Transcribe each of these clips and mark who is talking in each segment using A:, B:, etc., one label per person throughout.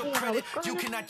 A: Hey y'all, what's going on?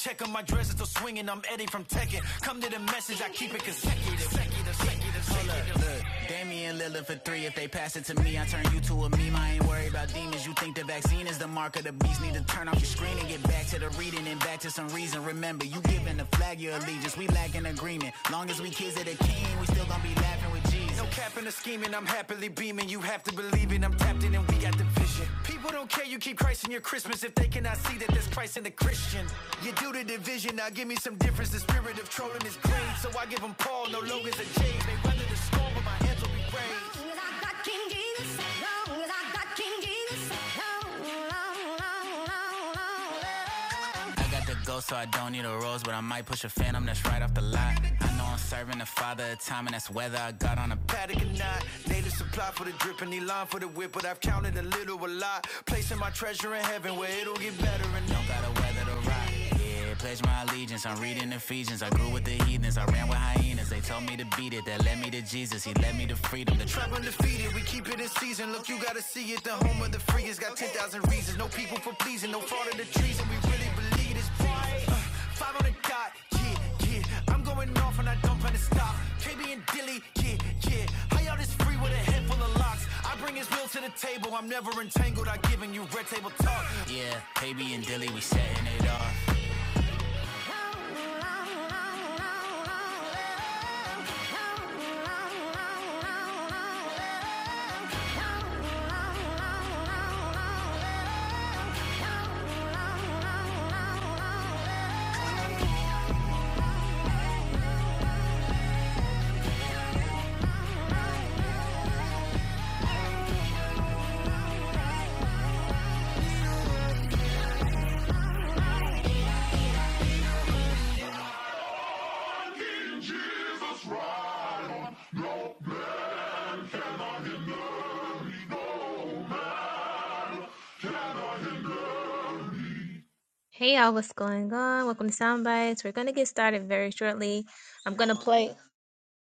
A: Hey y'all, what's going on? Welcome to Soundbites. We're gonna get started very shortly. I'm gonna play.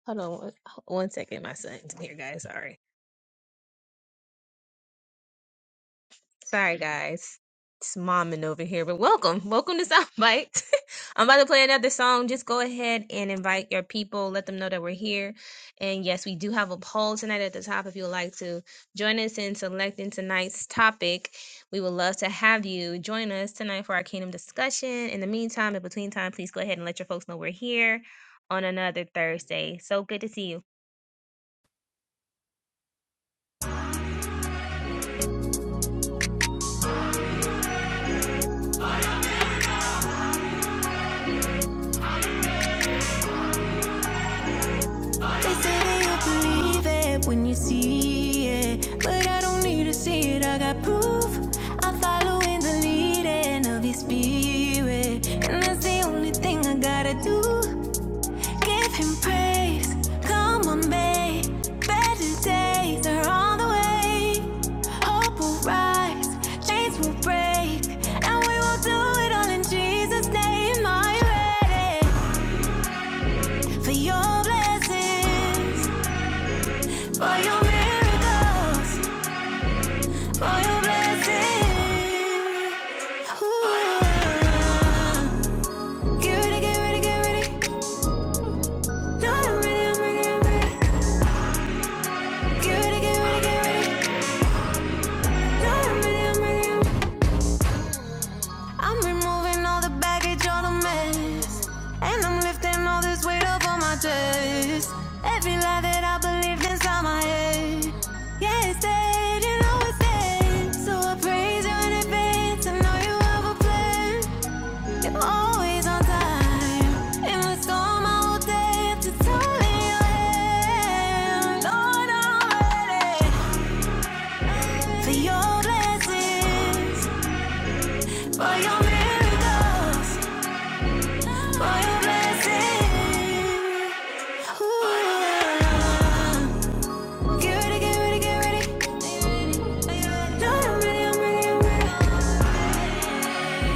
A: Hold on one one second, my son's in here, guys. Sorry. Sorry, guys. It's momming over here, but welcome. Welcome to Sound Bites. I'm about to play another song. Just go ahead and invite your people. Let them know that we're here. And yes, we do have a poll tonight at the top if you would like to join us in selecting tonight's topic. We would love to have you join us tonight for our kingdom discussion. In the meantime, in between time, please go ahead and let your folks know we're here on another Thursday. So good to see you.
B: They say that you'll believe it when you see it. But I don't need to see it, I got proof. I'm following the leading of his spirit. And that's the only thing I gotta do. Give him praise. Come on, babe. Better days are on the way. Hope will rise, chains will break, and we will do it all in Jesus' name. I'm ready for your blessings. For your miracles, for your blessings. Ooh. Get ready, get ready, get ready. No, I'm ready, I'm ready, I'm ready. Get ready, get ready, get ready. No, I'm ready, I'm ready, I'm ready. I'm removing all the baggage, all the mess. And I'm lifting all this weight up on my chest. Every lie that I believed inside my head. Yeah, it's dead, you know it's dead. So I praise you in advance. I know you have a plan. You're always on time. In the storm, I will dare to totally your hand. Lord, I'm ready for your blessings, for your miracles, for your blessings. Ooh. Get ready, get ready, get ready. Lord, I'm ready, I'm ready, I'm ready.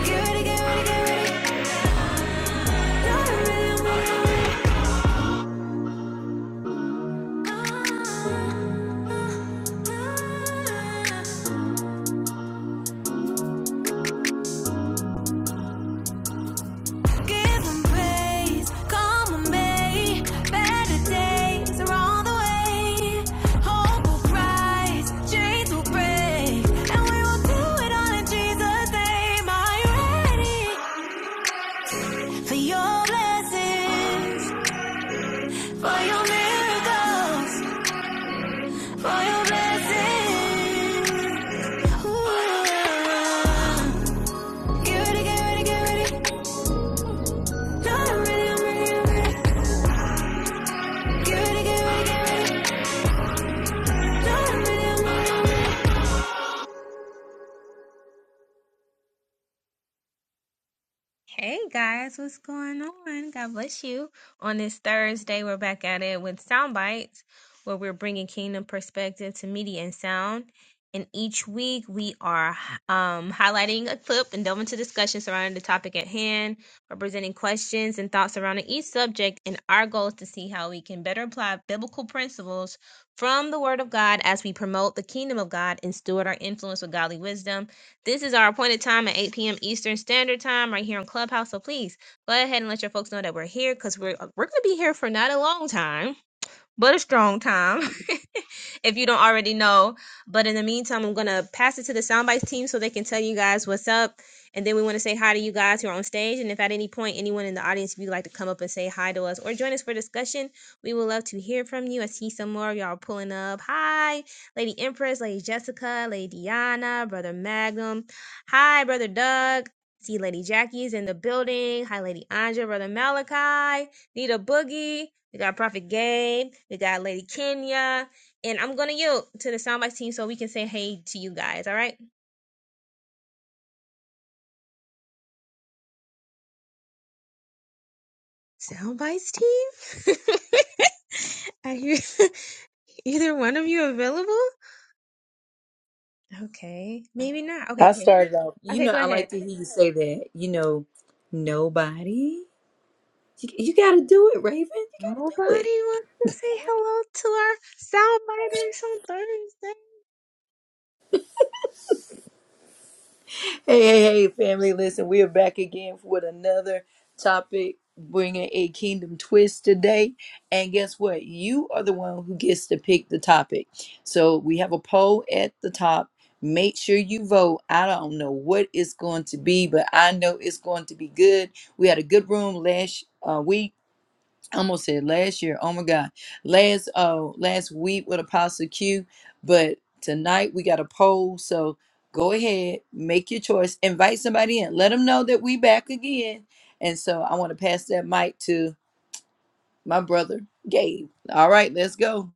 B: Get ready, get ready, get ready. Lord, I'm ready, I'm ready, I'm ready. Ah. Give 'em praise, call 'em May. Better days are on the way. Hope will rise, chains will break, and we will do it all in Jesus' name. Are you ready for your blessings, for your miracles, for your blessings? Ooh. Get ready, get ready, get ready. No, I'm ready, I'm ready, I'm ready. Get ready, get ready, get ready.
A: Hey guys, what's going on? God bless you. On this Thursday, we're back at it with sound bites, where we're bringing kingdom perspective to media and sound. And each week, we are um, highlighting a clip and delving into discussion surrounding the topic at hand, or presenting questions and thoughts surrounding each subject. And our goal is to see how we can better apply biblical principles from the Word of God as we promote the kingdom of God and steward our influence with godly wisdom. This is our appointed time at 8 p.m. Eastern Standard Time right here on Clubhouse. So please go ahead and let your folks know that we're here because we're, uh, we're going to be here for not a long time, but a strong time if you don't already know. But in the meantime, I'm going to pass it to the soundbites team so they can tell you guys what's up. And then we want to say hi to you guys who are on stage. And if at any point anyone in the audience, if you'd like to come up and say hi to us or join us for discussion, we would love to hear from you. I see some more of y'all pulling up. Hi, Lady Empress, Lady Jessica, Lady Diana, Brother Magnum. Hi, Brother Doug. See Lady Jackie's in the building. Hi, Lady Anja, Brother Malachi, Nita Boogie. We got Prophet Gabe. We got Lady Kenya. And I'm gonna yield to the soundbites team so we can say hey to you guys. All right, soundbites team. Are you either one of you available? Okay, maybe not. Okay,
C: I
A: okay,
C: started off. You
A: okay.
C: know,
A: Go
C: I
A: ahead.
C: like to hear you say that. You know, nobody. You, you got to do it, Raven. You
A: Nobody
C: got to do it.
A: wants to say hello to our soundbiters on Thursday.
C: Hey, hey, hey, family. Listen, we are back again with another topic, bringing a kingdom twist today. And guess what? You are the one who gets to pick the topic. So we have a poll at the top. Make sure you vote. I don't know what it's going to be, but I know it's going to be good. We had a good room last uh, week I almost said last year. Oh my God, last uh last week with Apostle Q, but tonight we got a poll. So go ahead, make your choice, invite somebody in, let them know that we back again. And so I want to pass that mic to my brother Gabe. All right, let's go.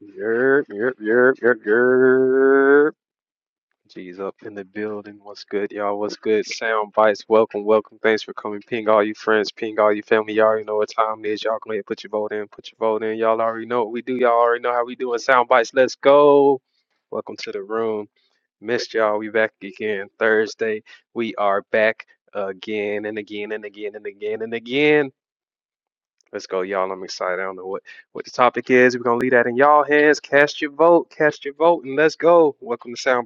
D: Yerp, yerp, yerp, yerp, yerp. G's up in the building. What's good, y'all? What's good? Sound bites. Welcome, welcome. Thanks for coming. Ping all you friends. Ping all you family. Y'all already know what time it is. Y'all go ahead, put your vote in. Put your vote in. Y'all already know what we do. Y'all already know how we doing. Sound bites. Let's go. Welcome to the room. Missed y'all. We back again Thursday. We are back again and again and again and again and again. Let's go, y'all. I'm excited. I don't know what, what the topic is. We're gonna leave that in y'all hands. Cast your vote. Cast your vote, and let's go. Welcome to Sound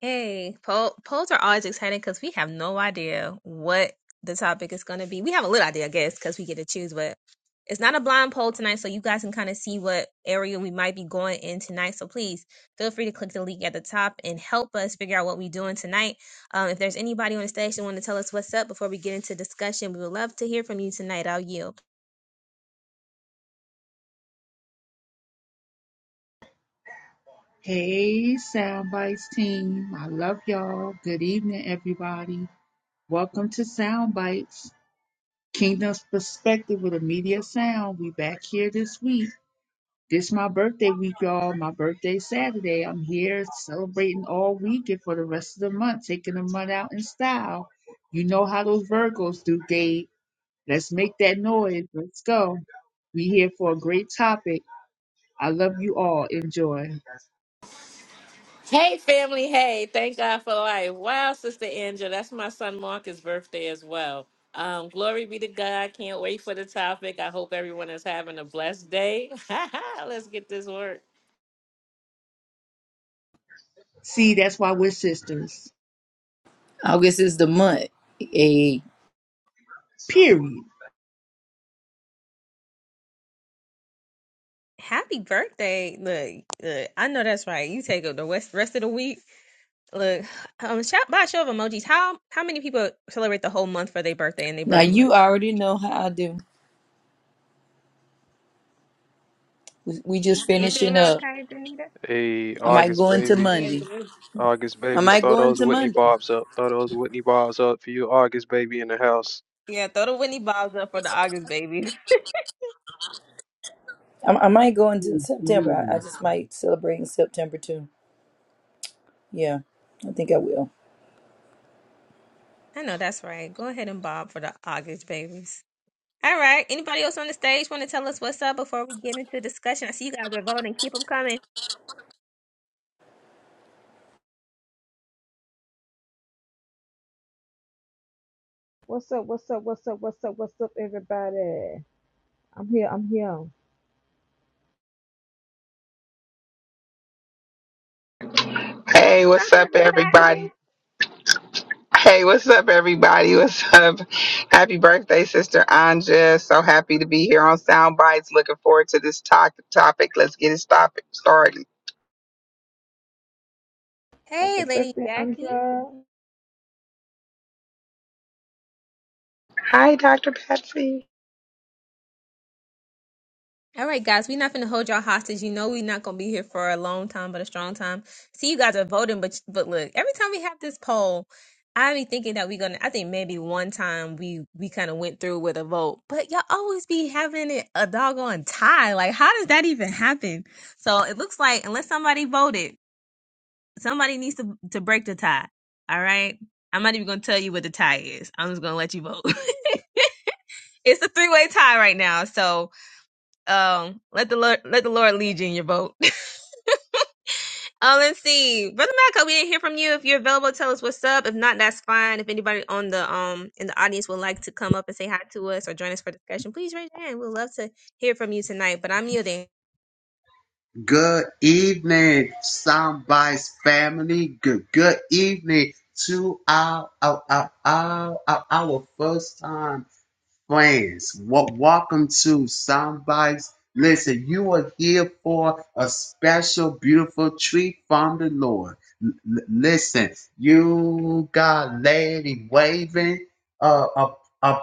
A: Hey, poll, polls are always exciting because we have no idea what the topic is going to be. We have a little idea, I guess, because we get to choose, but it's not a blind poll tonight, so you guys can kind of see what area we might be going in tonight. So please feel free to click the link at the top and help us figure out what we're doing tonight. Um, if there's anybody on the stage that want to tell us what's up before we get into discussion, we would love to hear from you tonight. I'll yield.
E: Hey, Soundbites team. I love y'all. Good evening, everybody. Welcome to Soundbites, Kingdom's Perspective with Media Sound. We back here this week. This my birthday week, y'all. My birthday Saturday. I'm here celebrating all week and for the rest of the month, taking the month out in style. You know how those Virgos do, Gabe. Let's make that noise. Let's go. We here for a great topic. I love you all. Enjoy.
F: Hey, family. Hey, thank God for life. Wow, Sister Angela, that's my son Marcus' birthday as well. Um, glory be to God. Can't wait for the topic. I hope everyone is having a blessed day. Let's get this work.
E: See, that's why we're sisters.
C: August is the month. Hey,
E: Period.
A: Happy birthday. Look, look I know that's right. You take up the west, rest of the week. Look, um, shout, by a show of emojis, how how many people celebrate the whole month for their birthday and their
C: now
A: birth month?
C: you already know how I do. We we just
A: You too,
C: finishing up.
A: Malachi, Danita.
D: Hey,
C: I might
D: August
C: go into
D: baby,
A: Yeah,
C: Monday.
A: Dave.
D: August
C: I
D: baby.
C: might
D: Throw
C: go
D: those
C: into
D: Whitney
C: Monday.
D: bobs up. Throw those Whitney bobs up for you, August baby in the house.
A: yeah. Throw the Whitney Bobs up for the August babies.
C: I, I might go into September. I, I
G: Mhm.
C: just might celebrate in September too. Yeah, I think I will.
A: I know that's right. Go ahead and bob for the August babies. All right. Anybody else on the stage want to tell us what's up before we get into discussion? I see you guys are voting. Keep them coming.
H: What's up? What's up? What's up? What's up? What's up, everybody? I'm here. I'm here.
I: Hey,
A: What's up
I: what's
A: with
I: up,
A: the
I: everybody?
A: fasting?
I: Hey, what's up, everybody? What's up? Happy birthday, Sister Anja. So happy to be here on Sound Bites. Looking forward to this talk- topic. Let's get it stop- started.
H: Happy
A: Hey, Lady
H: birthday,
A: Jackie.
H: Andra.
I: Hi, Dr. Patsy.
A: All right, guys, we're not going to hold y'all hostage. You know, we're not going to be here for a long time, but a strong time. See, you guys are voting, but but look, every time we have this poll, I be thinking that we're gonna. I think maybe one time we we kind of went through with a vote, but y'all always be having it a doggone tie. Like, how does that even happen? So it looks like unless somebody voted, somebody needs to to break the tie. All right, I'm not even gonna tell you what the tie is. I'm just gonna let you vote. it's a three way tie right now, so um, let the Lord let the Lord lead you in your boat. um, let's see, brother Malcolm, we didn't hear from you. If you're available, tell us what's up. If not, that's fine. If anybody on the um in the audience would like to come up and say hi to us or join us for discussion, please raise your hand. We'd love to hear from you tonight. But I'm muting.
G: Good evening, Soundbites family. Good, good evening to our, our, our, our, our, our first time. friends. Well, welcome to Soundbites. Listen, you are here for a special, beautiful treat from the Lord. L- l- listen, you got Lady Waving, uh, uh, uh,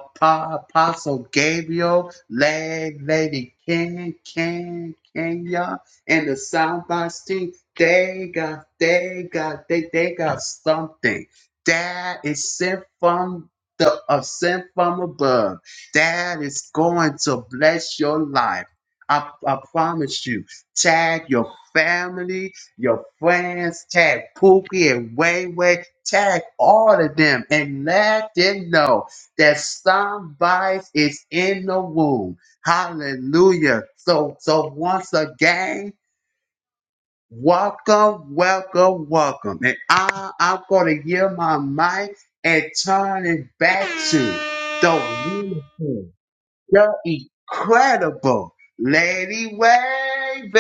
G: Apostle Gabriel, La- Lady Ken, Ken, Kenya, and the Soundbites team. They got, they got, they, they got something that is sent from the ascent from above that is going to bless your life. I, I promise you, tag your family, your friends, tag Pookie and Wayway, tag all of them and let them know that somebody is in the womb. Hallelujah. So, so once again, welcome, welcome, welcome. And I, I'm going to give my mic and turn it back to the womb the incredible Lady Wavy.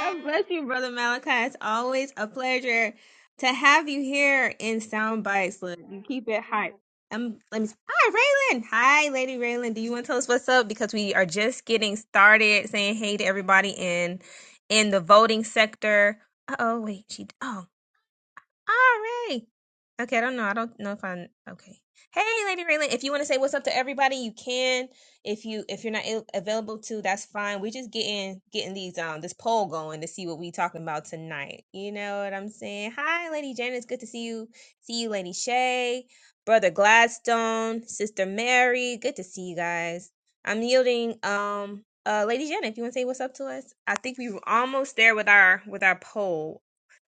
A: God bless you, Brother Malachi. It's always a pleasure to have you here in Sound Bites. Look, you keep it hype. Um, let me. Hi, Raylan. Hi, Lady Raylan. Do you want to tell us what's up? Because we are just getting started. Saying hey to everybody in in the voting sector. Uh oh, wait. She. Oh all right. Okay, I don't know. I don't know if i okay. Hey, Lady Raylan, if you want to say what's up to everybody, you can. If you if you're not a- available to, that's fine. We're just getting getting these um this poll going to see what we talking about tonight. You know what I'm saying? Hi, Lady Janice. Good to see you. See you, Lady Shay, Brother Gladstone, Sister Mary. Good to see you guys. I'm yielding. Um, uh, Lady Janet, if you want to say what's up to us, I think we were almost there with our with our poll.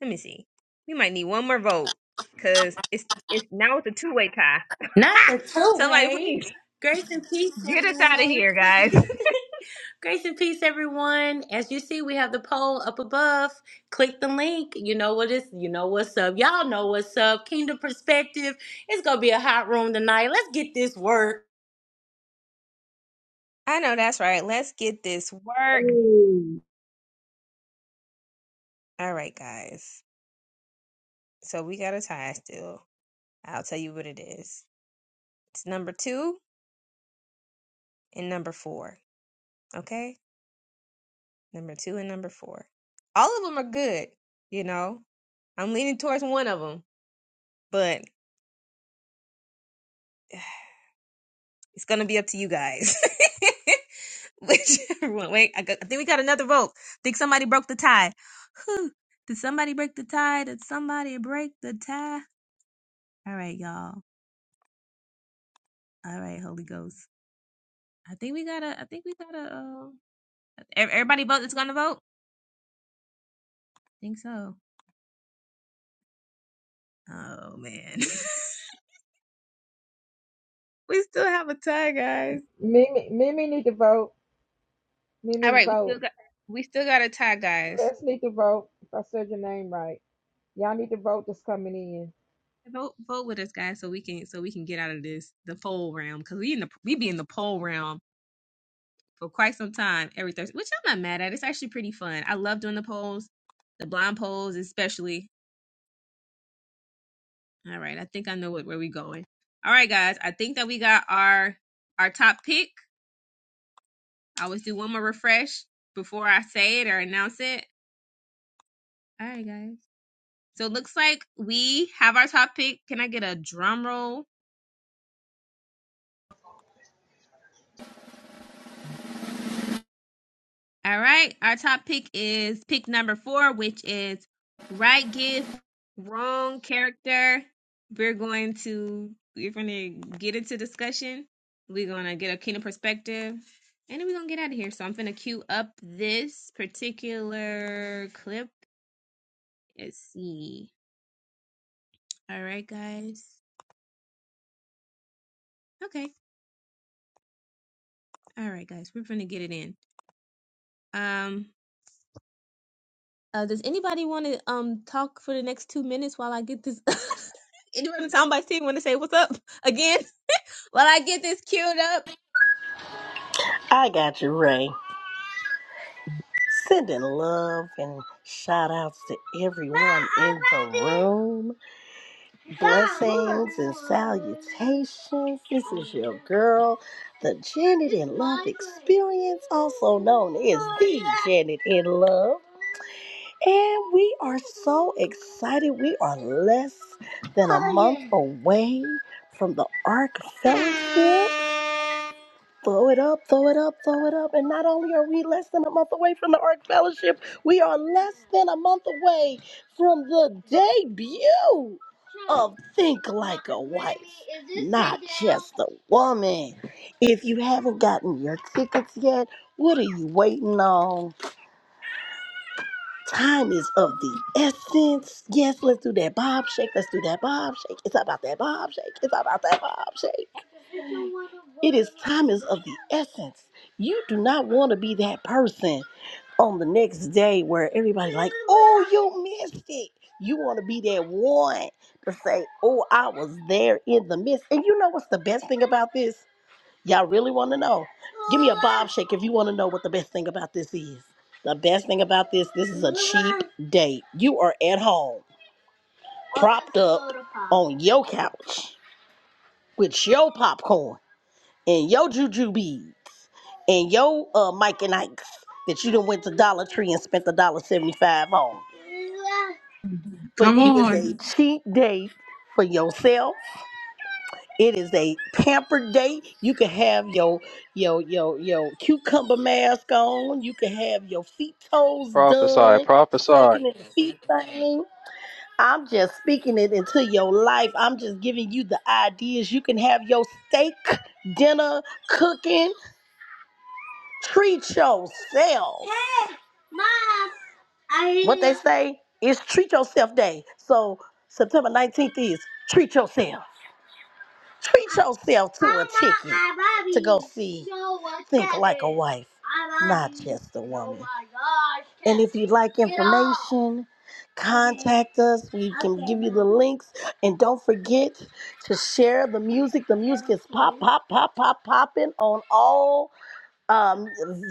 A: Let me see. We might need one more vote because it's it's now it's a two way tie.
J: Not the two
A: Somebody
J: way.
A: please
J: Grace and peace,
A: get us out of
J: everyone.
A: here, guys.
J: Grace and peace, everyone. As you see, we have the poll up above. Click the link. You know what is. You know what's up. Y'all know what's up. Kingdom perspective. It's gonna be a hot room tonight. Let's get this work.
A: I know that's right. Let's get this work.
E: Ooh,
A: All right, guys. So we got a tie still. I'll tell you what it is. It's number two and number four. Okay, number two and number four. All of them are good. You know, I'm leaning towards one of them, but it's gonna be up to you guys. Whichever one. Wait, I, got, I think we got another vote. think somebody broke the tie. Whew. Did somebody break the tie? Did somebody break the tie? All right, y'all. All right, Holy Ghost. I think we gotta. I think we gotta. Uh, ev- everybody vote that's gonna vote. I think so. Oh man, we still have a tie, guys.
H: Mimi, Mimi need to vote.
A: All
H: Mimi
A: right, we still
H: vote.
A: got. We still got a tie, guys.
H: Let's need to vote. If I said your name right, y'all need to vote. That's coming in.
A: Vote, vote with us, guys, so we can so we can get out of this the poll round because we in the we be in the poll round for quite some time every Thursday, which I'm not mad at. It's actually pretty fun. I love doing the polls, the blind polls especially. All right, I think I know what, where we're going. All right, guys, I think that we got our our top pick. I always do one more refresh before I say it or announce it. All right, guys. So it looks like we have our top pick. Can I get a drum roll? All right. Our top pick is pick number four, which is right gift, wrong character. We're going to we're gonna get into discussion. We're gonna get a kingdom perspective. And then we're gonna get out of here. So I'm gonna queue up this particular clip. Let's see. All right, guys. Okay. All right, guys. We're gonna get it in. Um Uh, does anybody want to um talk for the next two minutes while I get this? Anyone, somebody want to say what's up again while I get this queued up?
K: I got you, Ray. Sending love and shout outs to everyone in the room. Blessings and salutations. This is your girl, the Janet in Love Experience, also known as the Janet in Love. And we are so excited. We are less than a month away from the Ark Fellowship. Blow it up, blow it up, blow it up. And not only are we less than a month away from the Ark Fellowship, we are less than a month away from the debut of Think Like a Wife, not just a woman. If you haven't gotten your tickets yet, what are you waiting on? Time is of the essence. Yes, let's do that bob shake. Let's do that bob shake. It's about that bob shake. It's about that bob shake. It is time is of the essence. You do not want to be that person on the next day where everybody's like, oh, you missed it. You want to be that one to say, oh, I was there in the midst. And you know what's the best thing about this? Y'all really want to know? Give me a bob shake if you want to know what the best thing about this is. The best thing about this, this is a cheap date. You are at home, propped up on your couch with your popcorn and your juju beads and your uh, Mike and Ike's that you done went to Dollar Tree and spent a dollar seventy five on. But
E: come
K: it is
E: on.
K: a cheap date for yourself It is a pampered day. You can have your your your your cucumber mask on. You can have your feet toes
D: Prophesy,
K: done,
D: prophesy.
K: soaking in the feet thing. I'm just speaking it into your life. I'm just giving you the ideas. You can have your steak dinner cooking. Treat yourself. Hey, mom. I what they say is treat yourself day. So September 19th is treat yourself. Treat yourself to a ticket to go see Think Like a Wife, not just a woman. And if you'd like information, contact us. We can give you the links. And don't forget to share the music. The music is pop, pop, pop, pop, popping on all um,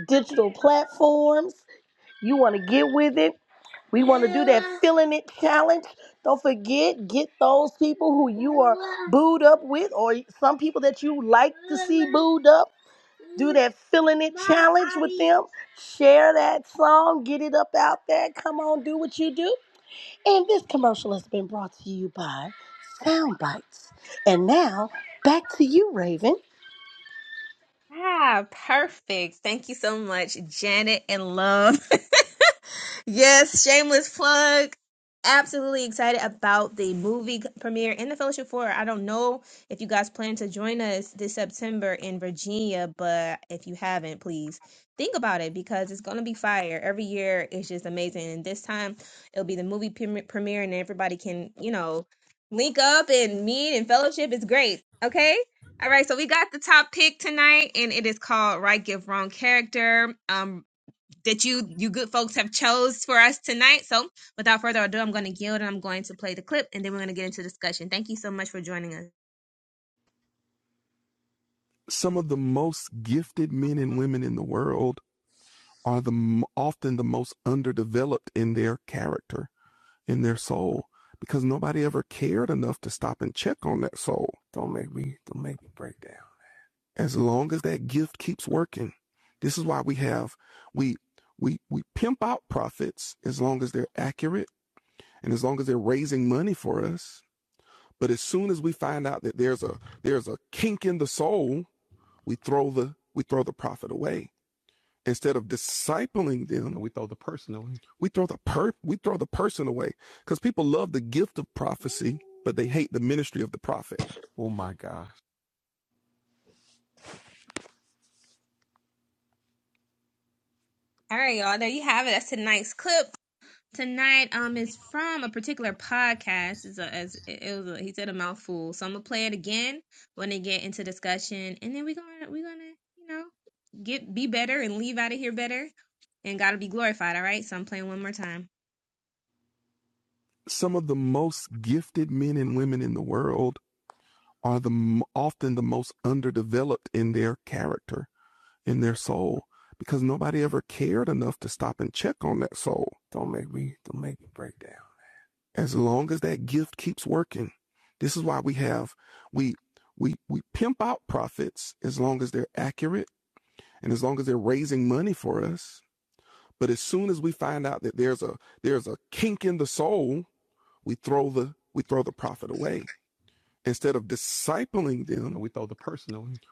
K: digital platforms. You want to get with it. We want to do that feeling it challenge. Don't forget, get those people who you are booed up with, or some people that you like to see booed up. Do that filling it challenge with them. Share that song. Get it up out there. Come on, do what you do. And this commercial has been brought to you by Soundbites. And now, back to you, Raven.
A: Ah, perfect. Thank you so much, Janet and Love. yes, shameless plug. Absolutely excited about the movie premiere and the Fellowship 4. I don't know if you guys plan to join us this September in Virginia, but if you haven't, please think about it because it's going to be fire. Every year it's just amazing. And this time it'll be the movie prem- premiere and everybody can, you know, link up and meet and fellowship. It's great. Okay? All right, so we got the top pick tonight, and it is called "Right Give Wrong Character." Um, that you you good folks have chose for us tonight. So, without further ado, I'm going to yield and I'm going to play the clip, and then we're going to get into discussion. Thank you so much for joining us.
B: Some of the most gifted men and women in the world are the often the most underdeveloped in their character, in their soul, because nobody ever cared enough to stop and check on that soul. Don't make me don't make me break down. As long as that gift keeps working, this is why we have we we we pimp out prophets as long as they're accurate and as long as they're raising money for us. But as soon as we find out that there's a there's a kink in the soul we throw the we throw the prophet away instead of discipling them we throw the per we throw the person away because people love the gift of prophecy but they hate the ministry of the prophet
A: All right, y'all. There you have it. That's tonight's clip. tonight um is from a particular podcast. It's a, as it was a, he said a mouthful, so I'm gonna play it again when they get into discussion, and then we're gonna we're gonna you know get be better and leave out of here better, and gotta be glorified. All right, so I'm playing one more time.
B: some of the most gifted men and women in the world are the often the most underdeveloped in their character in their soul because nobody ever cared enough to stop and check on that soul Don't make me, don't make me break down. as long as that gift keeps working. This is why we have we we we pimp out profits as long as they're accurate and as long as they're raising money for us. But as soon as we find out that there's a there's a kink in the soul, we throw the we throw the profit away. Instead of discipling them,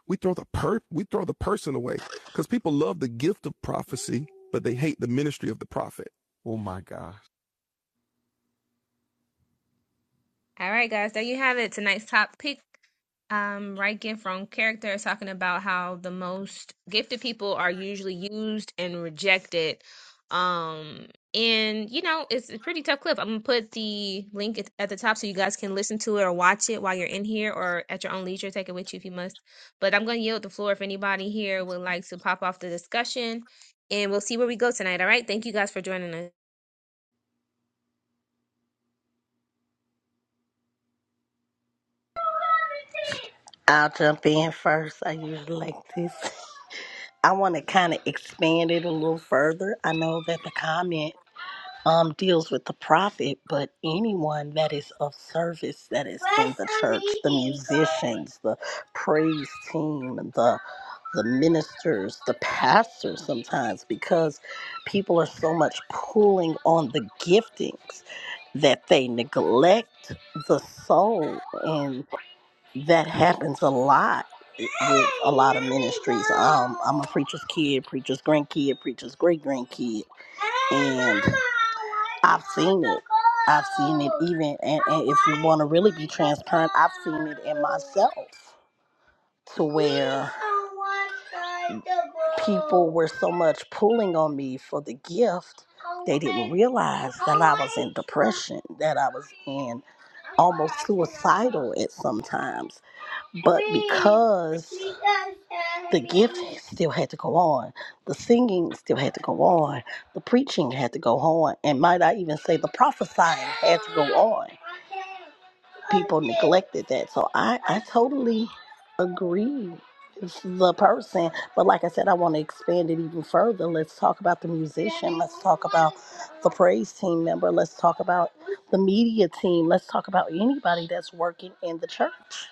B: we throw the per we throw the person away because people love the gift of prophecy, but they hate the ministry of the prophet.
A: All right, guys, there you have it. Tonight's top pick, um, right gift wrong character, is talking about how the most gifted people are usually used and rejected. Um, and you know, it's a pretty tough clip. I'm gonna put the link at at the top so you guys can listen to it or watch it while you're in here or at your own leisure. Take it with you if you must. But I'm gonna yield the floor if anybody here would like to pop off the discussion, and we'll see where we go tonight. All right, thank you guys for joining us.
K: I'll jump in first. I usually like this. I want to kind of expand it a little further. I know that the comment um, deals with the prophet, but anyone that is of service that is in the church, the musicians, the praise team, the the ministers, the pastors sometimes, because people are so much pulling on the giftings that they neglect the soul and that happens a lot with a lot of ministries. Um, I'm a preacher's kid, preacher's grandkid, preacher's great grandkid, and I've seen it. I've seen it even, and, and if you want to really be transparent, I've seen it in myself to where people were so much pulling on me for the gift, they didn't realize that I was in depression, that I was in almost suicidal at sometimes. But because the gift still had to go on, the singing still had to go on, the preaching had to go on, and might I even say the prophesying had to go on. People neglected that. So I, I totally agree with the person. But like I said, I want to expand it even further. Let's talk about the musician. Let's talk about the praise team member. Let's talk about the media team. Let's talk about anybody that's working in the church.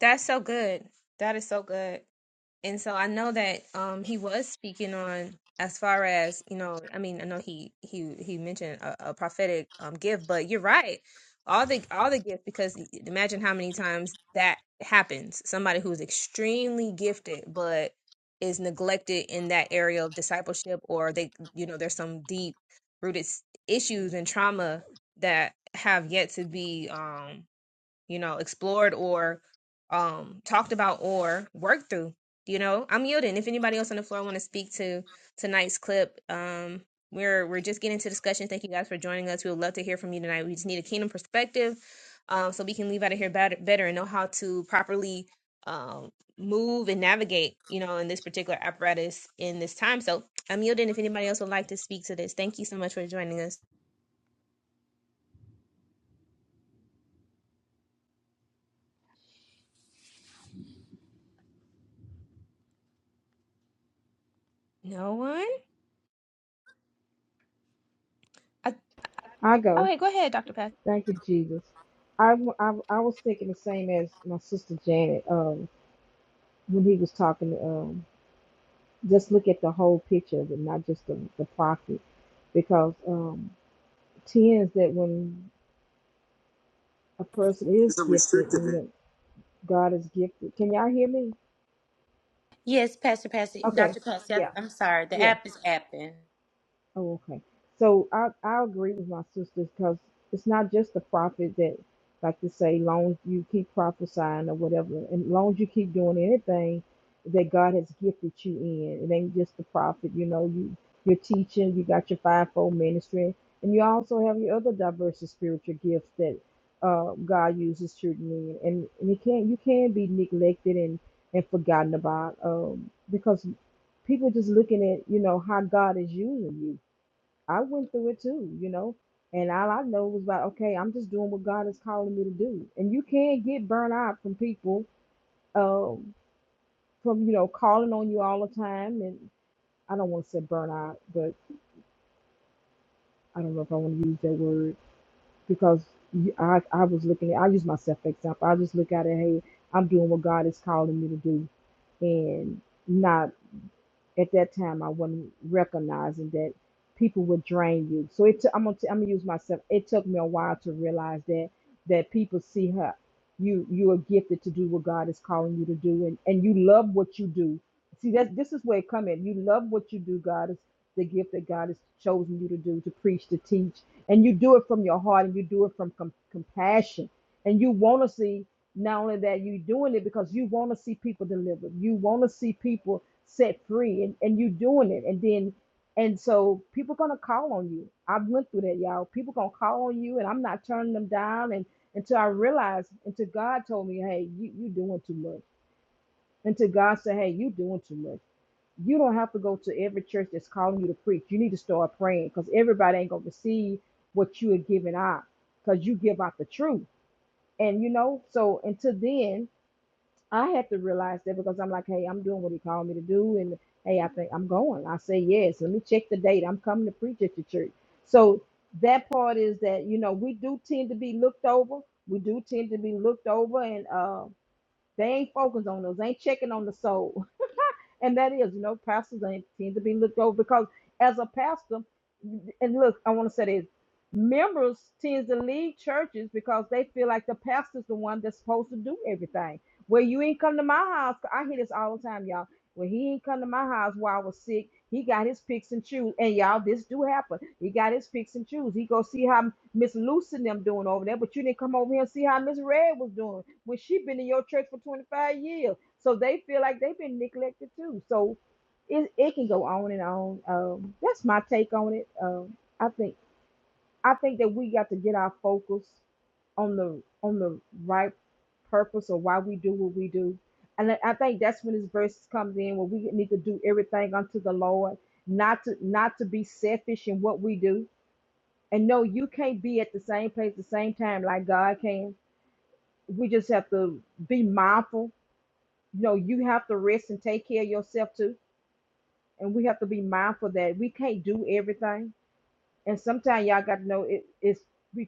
A: That's so good. That is so good. and so I know that um he was speaking on as far as you know I mean I know he he he mentioned a, a prophetic um gift but you're right all the all the gifts because imagine how many times that happens somebody who's extremely gifted but is neglected in that area of discipleship or they you know there's some deep rooted s- issues and trauma that have yet to be um you know, explored or um talked about or worked through. You know, I'm yielding. If anybody else on the floor want to speak to tonight's clip, um, we're we're just getting to discussion. Thank you guys for joining us. We would love to hear from you tonight. We just need a kingdom perspective, um, so we can leave out of here better, better and know how to properly um move and navigate, you know, in this particular apparatus in this time. So I'm yielding. If anybody else would like to speak to this, thank you so much for joining us. No one. I,
H: I go.
A: okay, go ahead, Doctor Patsy.
H: Thank you, Jesus. I, w- I, w- I was thinking the same as my sister Janet. Um, when he was talking, um, just look at the whole picture and not just the the profit, because um, tends that when a person
L: It's
H: is
L: a
H: gifted.
L: restrictive.
H: and. God is gifted. Can y'all hear me?
J: Yes, Pastor Patsy,
H: Okay.
J: Dr. Patsy. I-
H: Yeah.
J: I'm sorry. The
H: Yeah.
J: app is apping.
H: Oh, okay. So I I agree with my sisters because it's not just the prophet that like to say, long as you keep prophesying or whatever, and long as you keep doing anything that God has gifted you in. It ain't just the prophet, you know, you you're teaching, you got your fivefold ministry, and you also have your other diverse of spiritual gifts that uh God uses children in. And and it can't you can be neglected and and forgotten about um because people just looking at you know how God is using you I went through it too, you know. And all I know was about, okay, I'm just doing what God is calling me to do. And you can get burnt out from people, um, from you know, calling on you all the time. And I don't want to say burn out, but I don't know if I want to use that word because you- I, I was looking at, I use myself for example. I just look at it, hey, I'm doing what God is calling me to do, and not at that time I wasn't recognizing that people would drain you. So it took I'm gonna t- I'm gonna use myself. It took me a while to realize that that people see her. You you are gifted to do what God is calling you to do, and and you love what you do. See that's this is where it come in. You love what you do. God is the gift that God has chosen you to do to preach to teach, and you do it from your heart, and you do it from com- compassion, and you want to see. Not only that, you're doing it because you want to see people delivered. You want to see people set free, and, and you're doing it. And then, and so people gonna call on you. I went through that, y'all. People gonna call on you, and I'm not turning them down. And until I realized, until God told me, hey, you you doing too much. Until God said, hey, you doing too much. You don't have to go to every church that's calling you to preach. You need to start praying because everybody ain't gonna receive what you are giving out because you give out the truth. And you know, so until then. I had to realize that because I'm like, hey, I'm doing what he called me to do, and hey, I think I'm going. I say yes. Let me check the date. I'm coming to preach at your church. So that part is that you know we do tend to be looked over. We do tend to be looked over, and uh, they ain't focused on us. They ain't checking on the soul. And that is, you know, pastors ain't seem to be looked over because as a pastor, and look, I want to say this members tend to leave churches because they feel like the pastor's the one that's supposed to do everything. Well, you ain't come to my house. I hear this all the time, y'all. Well, he ain't come to my house while I was sick. He got his picks and choose. And y'all, this do happen. He got his picks and choose. He go see how Miss Lucy and them doing over there, but you didn't come over here and see how Miss Red was doing when she been in your church for 25 years. So they feel like they've been neglected too. So it, it can go on and on. Um, that's my take on it. Um, I think I think that we got to get our focus on the on the right purpose or why we do what we do. And I I think that's when this verse comes in where we need to do everything unto the Lord, not to not to be selfish in what we do. And no, you can't be at the same place at the same time like God can. We just have to be mindful no, you have to rest and take care of yourself too. And we have to be mindful that we can't do everything. And sometimes y'all got to know it, it's we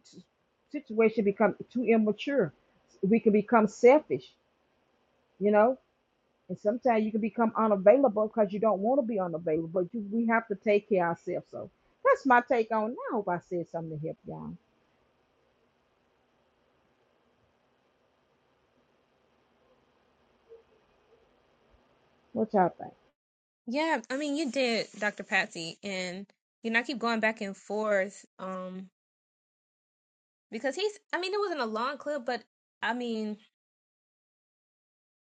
H: situation become too immature. We can become selfish, you know. And sometimes you can become unavailable because you don't want to be unavailable. But you, we have to take care of ourselves. So that's my take on. it. I hope I said something to help y'all. What y'all think?
A: Yeah, I mean, you did, Dr. Patsy, and you know, I keep going back and forth um because he's I mean, it wasn't a long clip, but I mean,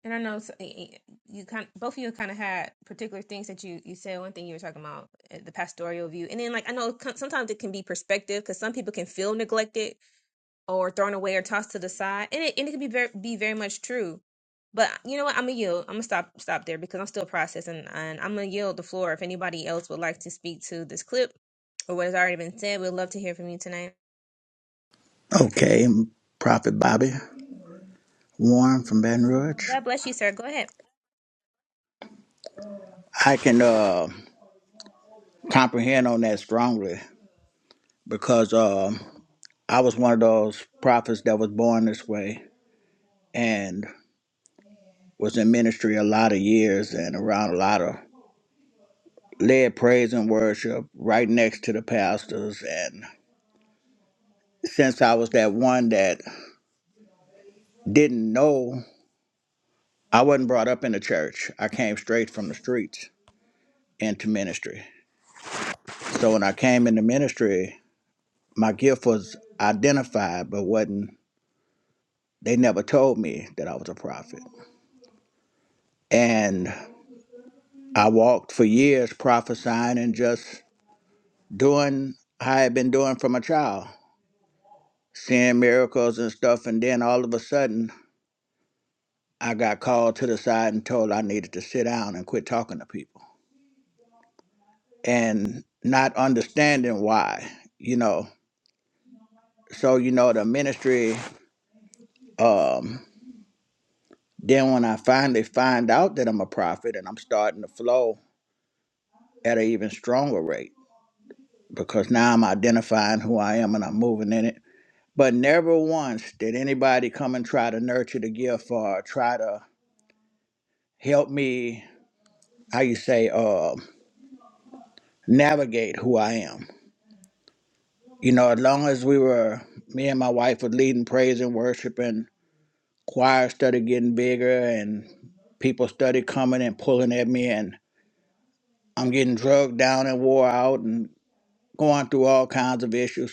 A: and I know s- y- y- you kind both of you kind of had particular things that you you said. One thing you were talking about uh, the pastoral view, and then like I know co- sometimes it can be perspective because some people can feel neglected or thrown away or tossed to the side, and it and it could be very be very much true. But you know what? I'm gonna yield. I'm gonna stop stop there because I'm still processing, and I'm gonna yield the floor if anybody else would like to speak to this clip or what has already been said. We'd love to hear from you tonight.
L: Okay, Prophet Bobby Warren from Baton Rouge.
A: God bless you, sir. Go ahead.
L: I can uh, comprehend on that strongly because um I was one of those prophets that was born this way and was in ministry a lot of years and around a lot of led praise and worship right next to the pastors. And since I was that one that didn't know, I wasn't brought up in the church. I came straight from the streets into ministry. So when I came into ministry, my gift was identified but wasn't they never told me that i was a prophet and i walked for years prophesying and just doing how i had been doing from a child seeing miracles and stuff and then all of a sudden i got called to the side and told i needed to sit down and quit talking to people and not understanding why you know so you know the ministry um then when i finally find out that i'm a prophet and i'm starting to flow at an even stronger rate because now I'm identifying who I am and I'm moving in it. But never once did anybody come and try to nurture the gift or try to help me, how you say, uh, navigate who I am. You know, as long as we were, me and my wife was leading praise and worship and choir started getting bigger and people started coming and pulling at me and I'm getting drugged down and wore out and going through all kinds of issues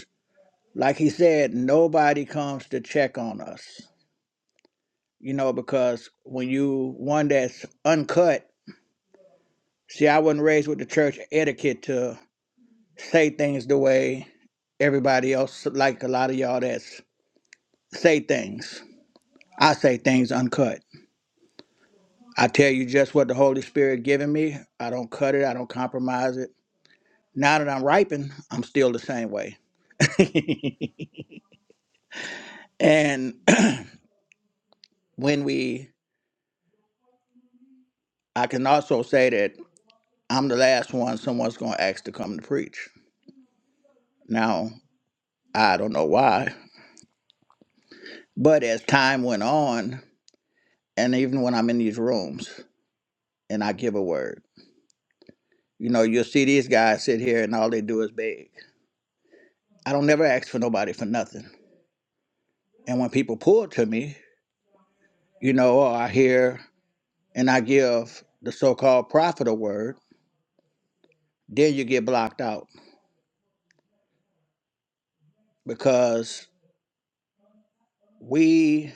L: Like he said, nobody comes to check on us, you know, because when you one that's uncut, see, I wasn't raised with the church etiquette to say things the way everybody else, like a lot of y'all that's say things. I say things uncut. I tell you just what the Holy Spirit giving me. I don't cut it. I don't compromise it. Now that I'm ripened, I'm still the same way. And when we, I can also say that I'm the last one someone's going to ask to come to preach. Now, I don't know why, but as time went on, and even when I'm in these rooms and I give a word, you know, you'll see these guys sit here and all they do is beg. I don't never ask for nobody for nothing. And when people pull to me, you know, or I hear and I give the so called prophet a word, then you get blocked out because we,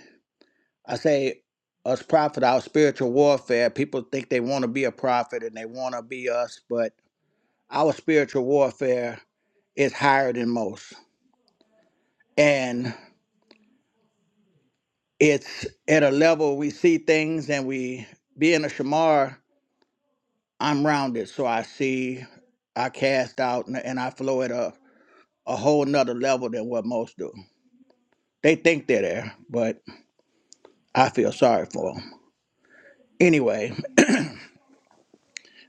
L: I say, us prophet, our spiritual warfare, people think they want to be a prophet and they want to be us, but Our spiritual warfare is higher than most. And it's at a level we see things and we being a shamar, I'm rounded. So I see, I cast out and, and I flow at a, a whole nother level than what most do. They think they're there, but I feel sorry for them. Anyway,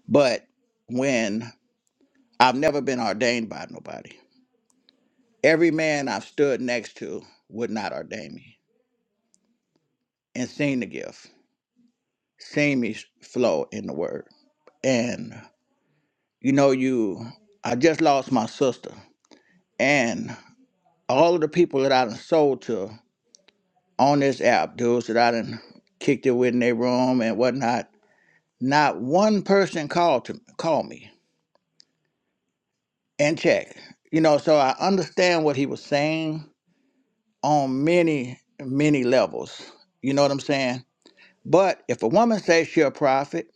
L: but when I've never been ordained by nobody, every man I've stood next to would not ordain me and seen the gift. Samish flow in the word. And you know, you I just lost my sister. And all of the people that I done sold to on this app, dudes that I done kicked it with in their room and whatnot, not one person called to called me and check. You know, so I understand what he was saying on many, many levels. You know what I'm saying? But if a woman says she a prophet,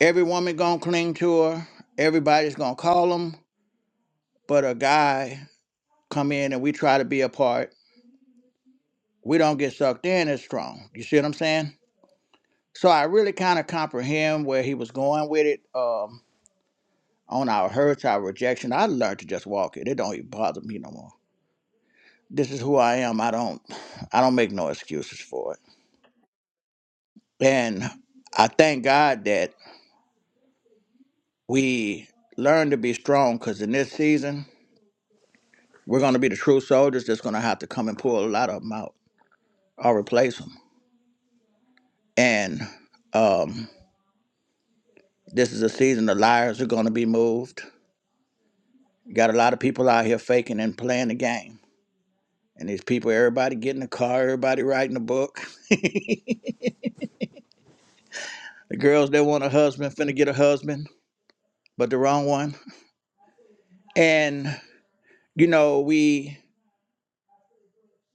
L: every woman gonna cling to her, everybody's gonna call 'em. But a guy come in and we try to be a part, we don't get sucked in as strong. You see what I'm saying? So I really kind of comprehend where he was going with it. Um, on our hurts, our rejection, I learned to just walk it. It don't even bother me no more. This is who I am. I don't, I don't make no excuses for it. And I thank God that we learn to be strong because in this season, we're going to be the true soldiers that's going to have to come and pull a lot of them out or replace them. And um, This is a season the liars are going to be moved. You got a lot of people out here faking and playing the game. And these people, everybody getting a car, everybody writing a book. the girls that want a husband finna get a husband, but the wrong one. And you know, we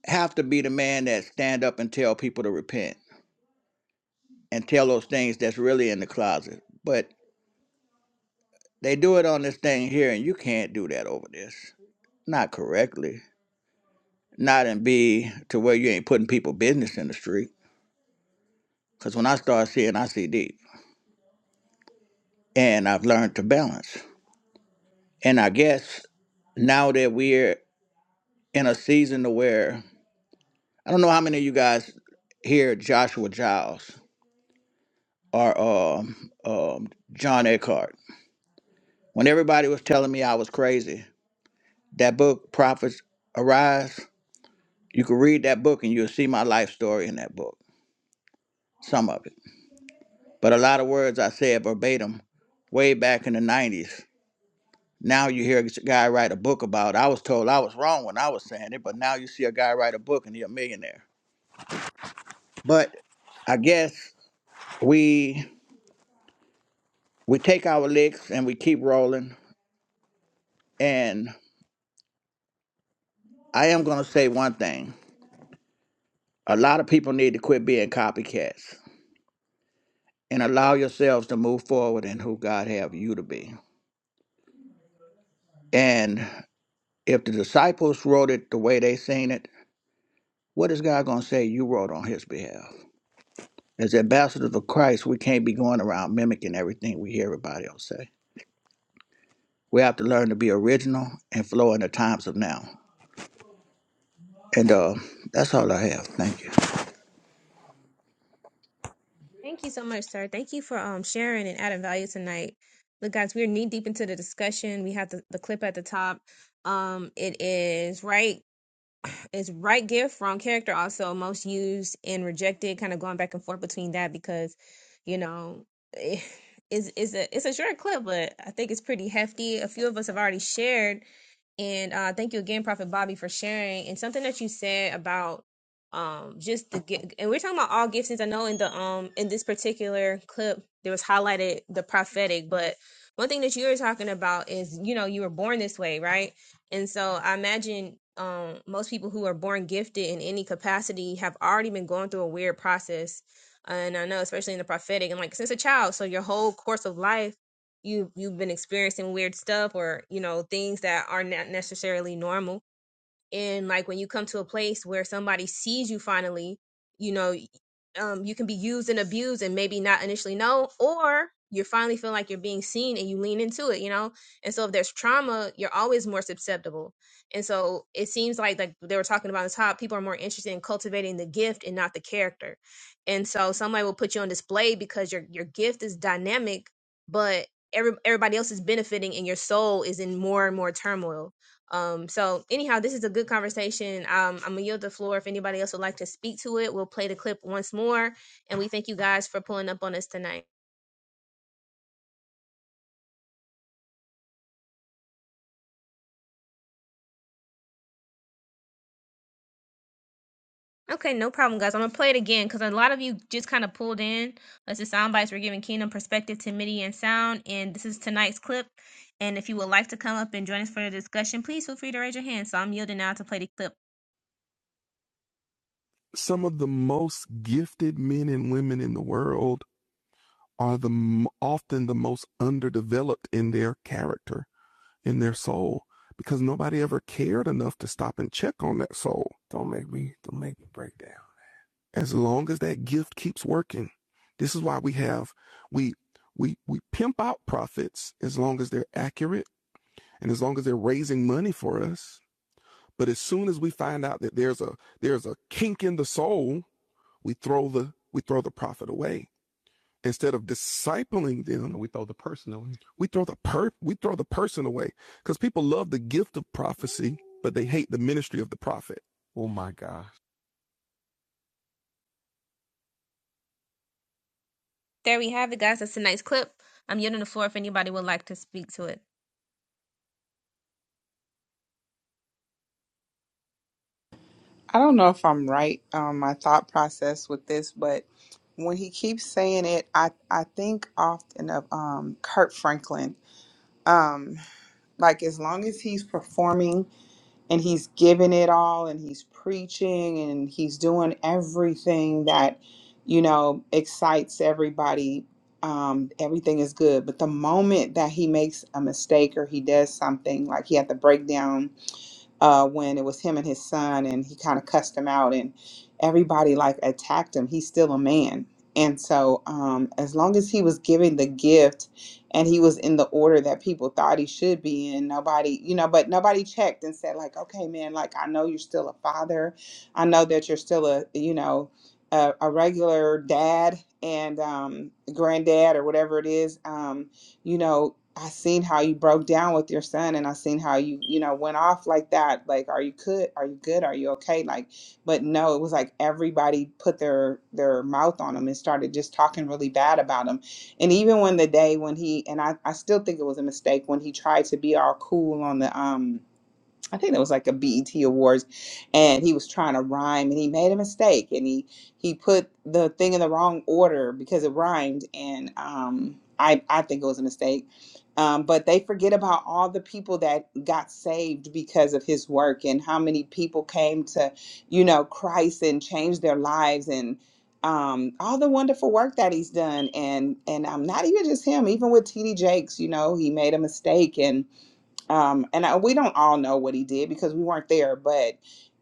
L: have to be the man that stand up and tell people to repent and tell those things that's really in the closet. But they do it on this thing here, and you can't do that over this. Not correctly. Not and be to where you ain't putting people business in the street. Because when I start seeing, I see deep. And I've learned to balance. And I guess now that we're in a season to where I don't know how many of you guys hear Joshua Giles or um, um, John Eckhart. When everybody was telling me I was crazy, that book, Prophets Arise, you can read that book and you'll see my life story in that book, some of it. But a lot of words I said verbatim way back in the 90s Now you hear a guy write a book about. it. I was told I was wrong when I was saying it, but now you see a guy write a book and he's a millionaire. But I guess we we take our licks and we keep rolling. And I am gonna say one thing: a lot of people need to quit being copycats and allow yourselves to move forward in who God have you to be. And if the disciples wrote it the way they seen it, what is God gonna say you wrote on His behalf? As ambassadors of Christ, we can't be going around mimicking everything we hear everybody else say. We have to learn to be original and flow in the times of now. And uh, that's all I have. Thank you.
A: Thank you so much, sir. Thank you for um sharing and adding value tonight. Look, guys, we're knee deep into the discussion. We have the, the clip at the top. Um, it is right is right gift, wrong character also most used and rejected, kind of going back and forth between that because, you know, is is a it's a short clip, but I think it's pretty hefty. A few of us have already shared and uh, thank you again, Prophet Bobby, for sharing. And something that you said about um, just the gi- and we're talking about all gifts. Since I know in the um in this particular clip there was highlighted the prophetic, but one thing that you were talking about is you know you were born this way, right? And so I imagine um most people who are born gifted in any capacity have already been going through a weird process. And I know, especially in the prophetic, and like since a child, so your whole course of life you you've been experiencing weird stuff or you know things that are not necessarily normal and like when you come to a place where somebody sees you finally you know um, you can be used and abused and maybe not initially know or you finally feel like you're being seen and you lean into it you know and so if there's trauma you're always more susceptible and so it seems like like they were talking about on the top people are more interested in cultivating the gift and not the character and so somebody will put you on display because your your gift is dynamic but every, everybody else is benefiting and your soul is in more and more turmoil um, so anyhow, this is a good conversation. Um, I'm gonna yield the floor if anybody else would like to speak to it. We'll play the clip once more, and we thank you guys for pulling up on us tonight. Okay, no problem, guys. I'm gonna play it again because a lot of you just kind of pulled in. That's the sound bites. We're giving Kingdom perspective to MIDI and sound, and this is tonight's clip. And if you would like to come up and join us for the discussion, please feel free to raise your hand. So I'm yielding now to play the clip.
B: Some of the most gifted men and women in the world are the often the most underdeveloped in their character, in their soul, because nobody ever cared enough to stop and check on that soul. Don't make me don't make me break down. As long as that gift keeps working, this is why we have we we we pimp out prophets as long as they're accurate and as long as they're raising money for us. But as soon as we find out that there's a there's a kink in the soul, we throw the we throw the prophet away instead of discipling them We throw the per we throw the person away because people love the gift of prophecy, but they hate the ministry of the prophet.
A: There we have it, guys. That's tonight's clip. I'm yielding the floor if anybody would like to speak to it.
I: I don't know if I'm right on my thought process with this, but when he keeps saying it, I, I think often of um, Kurt Franklin. Um, like, as long as he's performing and he's giving it all and he's preaching and he's doing everything that you know excites everybody um, everything is good but the moment that he makes a mistake or he does something like he had the breakdown uh, when it was him and his son, and he kind of cussed him out, and everybody like attacked him. He's still a man, and so um, as long as he was giving the gift, and he was in the order that people thought he should be in, nobody, you know, but nobody checked and said like, okay, man, like I know you're still a father, I know that you're still a, you know. A, a regular dad and um, granddad or whatever it is um, you know I seen how you broke down with your son and I seen how you, you know, went off like that. Like, are you good? Are you good? Are you okay? Like, but no, it was like everybody put their their mouth on him and started just talking really bad about him. And even when the day when he and I, I still think it was a mistake when he tried to be all cool on the um I think that was like a BET Awards, and he was trying to rhyme, and he made a mistake, and he he put the thing in the wrong order because it rhymed, and um, I I think it was a mistake. Um, but they forget about all the people that got saved because of his work, and how many people came to, you know, Christ and changed their lives, and um, all the wonderful work that he's done, and and um, not even just him, even with T.D. Jakes, you know, he made a mistake, and um, and I, we don't all know what he did because we weren't there but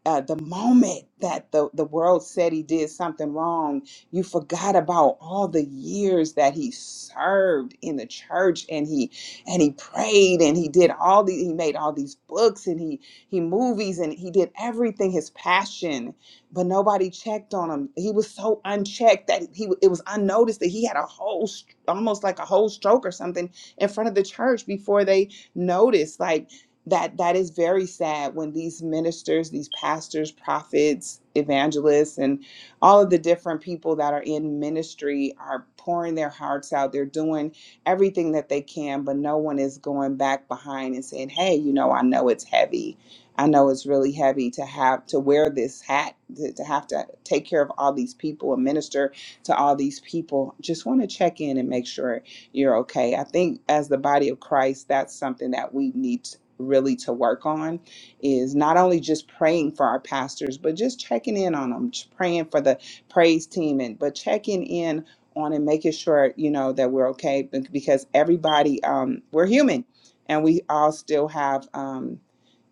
I: uh, the moment that the, the world said he did something wrong you forgot about all the years that he served in the church and he and he prayed and he did all the he made all these books and he he movies and he did everything his passion but nobody checked on him he was so unchecked that he it was unnoticed that he had a whole st- almost like a whole stroke or something in front of the church before they notice like that that is very sad when these ministers these pastors prophets evangelists and all of the different people that are in ministry are pouring their hearts out they're doing everything that they can but no one is going back behind and saying hey you know i know it's heavy i know it's really heavy to have to wear this hat to, to have to take care of all these people and minister to all these people just want to check in and make sure you're okay. I think as the body of Christ, that's something that we need to really to work on is not only just praying for our pastors but just checking in on them just praying for the praise team and but checking in on and making sure you know that we're okay be- because everybody um we're human and we all still have um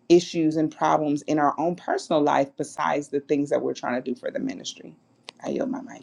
I: issues and problems in our own personal life besides the things that we're trying to do for the ministry i yield my mic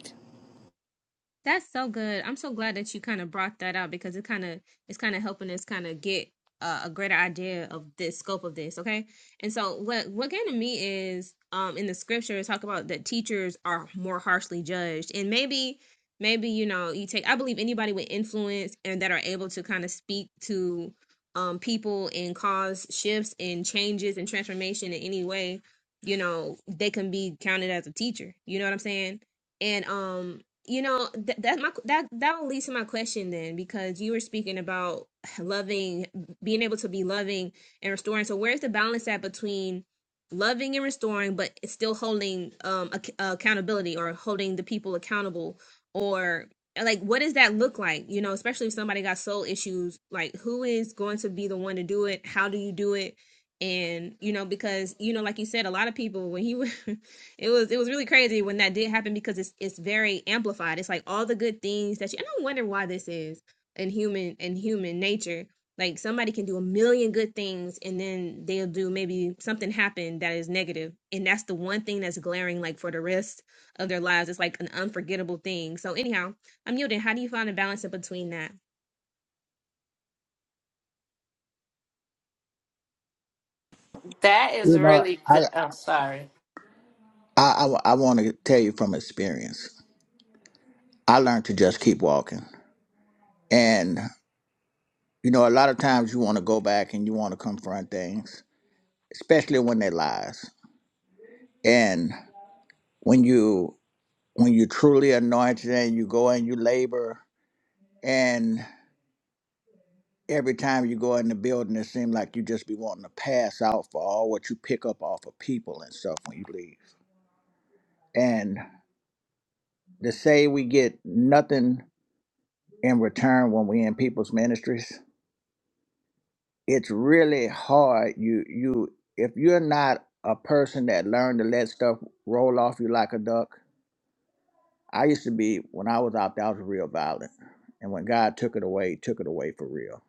A: That's so good. I'm so glad that you kind of brought that out because it kind of it's kind of helping us kind of get uh, a greater idea of the scope of this. Okay, and so what what came to me is um in the scriptures talk about that teachers are more harshly judged, and maybe maybe you know you take I believe anybody with influence and that are able to kind of speak to um people and cause shifts and changes and transformation in any way, you know they can be counted as a teacher. You know what I'm saying? and um you know th- that my that that leads to my question then because you were speaking about loving being able to be loving and restoring so where's the balance at between loving and restoring but it's still holding um ac- accountability or holding the people accountable or like what does that look like you know especially if somebody got soul issues like who is going to be the one to do it how do you do it and you know because you know like you said a lot of people when he It was it was really crazy when that did happen because it's it's very amplified. It's like all the good things that you and I wonder why this is in human in human nature. Like somebody can do a million good things and then they'll do maybe something happen that is negative, And that's the one thing that's glaring like for the rest of their lives. It's like an unforgettable thing. So anyhow, I'm yielding. How do you find a balance in between that?
F: That is
L: You know,
F: really
L: I
F: good. I'm sorry.
L: I, I, I want to tell you from experience. I learned to just keep walking. And you know, a lot of times you want to go back and you want to confront things, especially when they're lies. And when you when you truly anointed and you go and you labor and every time you go in the building, it seems like you just be wanting to pass out for all what you pick up off of people and stuff when you leave. And to say we get nothing in return when we in people's ministries, it's really hard. You you if you're not a person that learned to let stuff roll off you like a duck. I used to be when I was out there, I was real violent. And when God took it away, he took it away for real.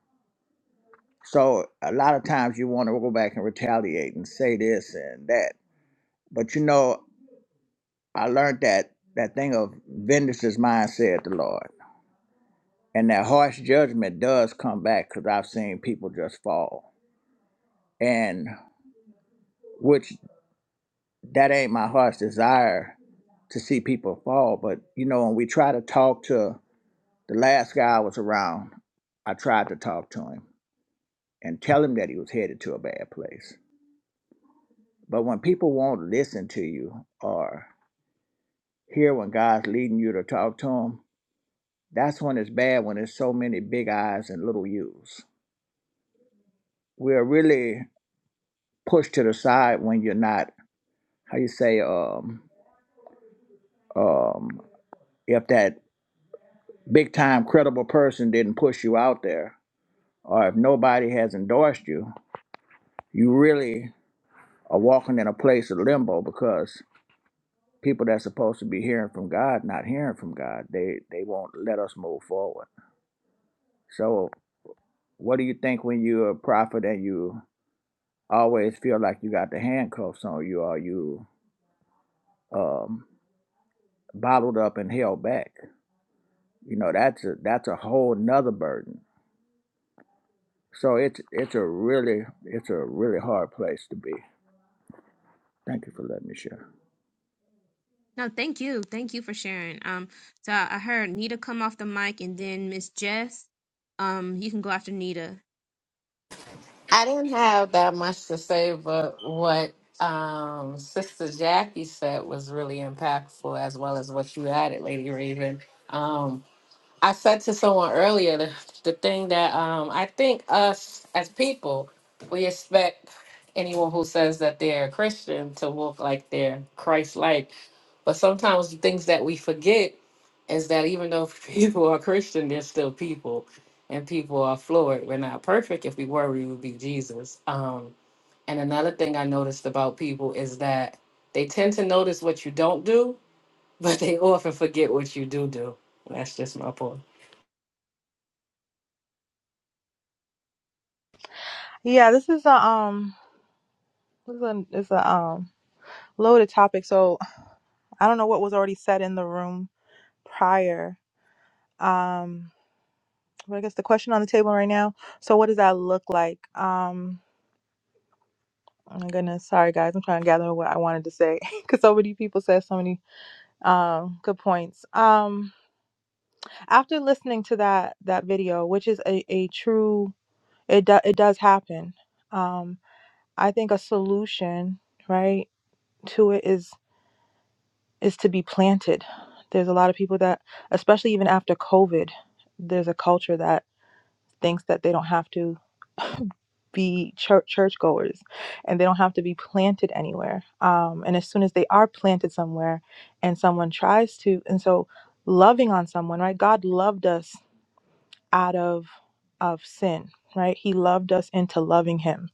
L: So a lot of times you want to go back and retaliate and say this and that But you know, I learned that that thing of vengeance is mine, said the Lord. And that harsh judgment does come back because I've seen people just fall. And which that ain't my heart's desire to see people fall. But you know, when we try to talk to the last guy I was around, I tried to talk to him and tell him that he was headed to a bad place. But when people won't listen to you or hear when God's leading you to talk to him. That's when it's bad when there's so many big I's and little U's. We're really pushed to the side when you're not, how you say, um, um, if that big time credible person didn't push you out there, or if nobody has endorsed you, you really are walking in a place of limbo because people that's supposed to be hearing from God not hearing from God. They they won't let us move forward. So what do you think when you're a prophet and you always feel like you got the handcuffs on you or you um, bottled up and held back. You know, that's a that's a whole nother burden. So it's it's a really it's a really hard place to be. Thank you for letting me share.
A: No, thank you. Thank you for sharing. Um so I I heard Nita come off the mic and then Miss Jess. Um you can go after Nita.
F: I didn't have that much to say, but what um, Sister Jackie said was really impactful, as well as what you added, Lady Raven. Um, I said to someone earlier the, the thing that um, I think us as people, we expect anyone who says that they're a Christian to walk like they're Christ like. But sometimes the things that we forget is that even though people are Christian, they're still people and people are flawed. We're not perfect. If we were, we would be Jesus. Um, and another thing I noticed about people is that they tend to notice what you don't do, but they often forget what you do do. That's just my point.
M: Yeah, this is a um, this is a, it's a um loaded topic. So I don't know what was already said in the room prior. Um, but I guess the question on the table right now. So what does that look like? Um, oh my goodness, sorry guys, I'm trying to gather what I wanted to say because so many people said so many um good points. Um, after listening to that that video, which is a a true it do, it does happen. Um, I think a solution right to it is is to be planted. There's a lot of people that, especially even after COVID, there's a culture that thinks that they don't have to be church churchgoers and they don't have to be planted anywhere. Um, and as soon as they are planted somewhere, and someone tries to, and so loving on someone, right? God loved us out of of sin, right? He loved us into loving Him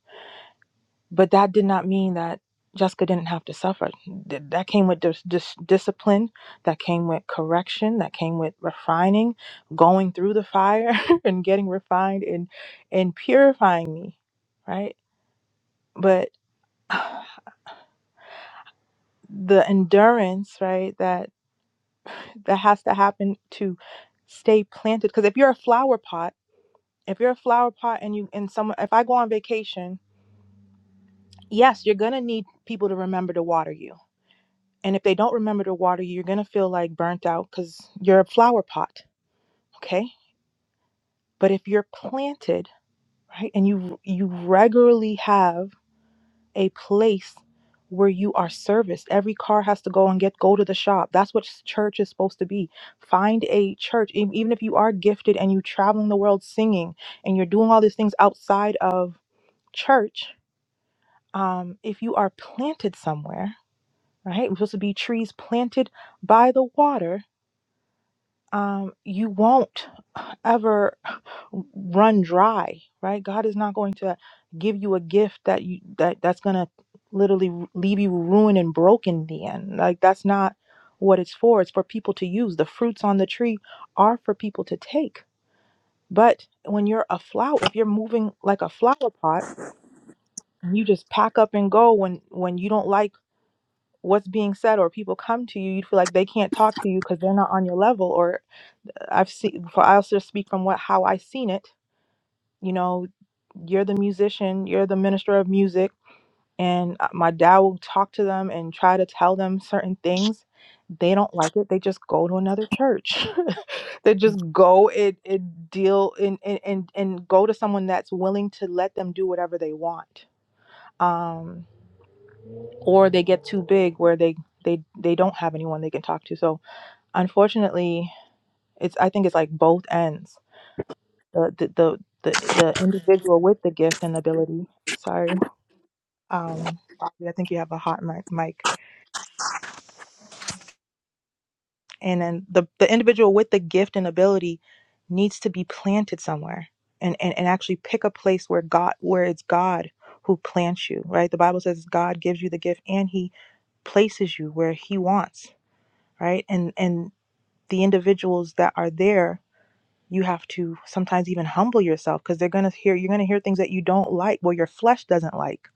M: But that did not mean that Jessica didn't have to suffer. Th- That came with dis- dis- discipline, that came with correction, that came with refining, going through the fire and getting refined and and purifying me, right? But the endurance, right, that that has to happen to stay planted because if you're a flower pot, if you're a flower pot and you and someone if I go on vacation, yes, you're going to need people to remember to water you And if they don't remember to water you, you're going to feel like burnt out because you're a flower pot. Okay. But if you're planted, right, and you you regularly have a place where you are serviced. Every car has to go and get go to the shop. That's what church is supposed to be. Find a church. E- Even if you are gifted and you're traveling the world singing and you're doing all these things outside of church, um, if you are planted somewhere, right? We're supposed to be trees planted by the water um, you won't ever run dry, right? God is not going to give you a gift that you that that's gonna literally leave you ruined and broken in the end. Like that's not what it's for. It's for people to use. The fruits on the tree are for people to take. But when you're a flower, if you're moving like a flower pot, and you just pack up and go when when you don't like what's being said or people come to you, you feel like they can't talk to you because they're not on your level or I've seen for I also speak from what how I seen it. You know, you're the musician, you're the minister of music, and uh, my dad will talk to them and try to tell them certain things. They don't like it. They just go to another church. they just go and, and deal and, and and and go to someone that's willing to let them do whatever they want. Um, or they get too big where they they they don't have anyone they can talk to. So unfortunately, it's I think it's like both ends the the the the, the individual with the gift and ability. Sorry, um, Bobby, I think you have a hot mic. mic. And then the the individual with the gift and ability needs to be planted somewhere, and and and actually pick a place where God, where it's God who plants you. Right, the Bible says God gives you the gift and He places you where He wants. Right, and and the individuals that are there you have to sometimes even humble yourself because they're going to hear you're going to hear things that you don't like well your flesh doesn't like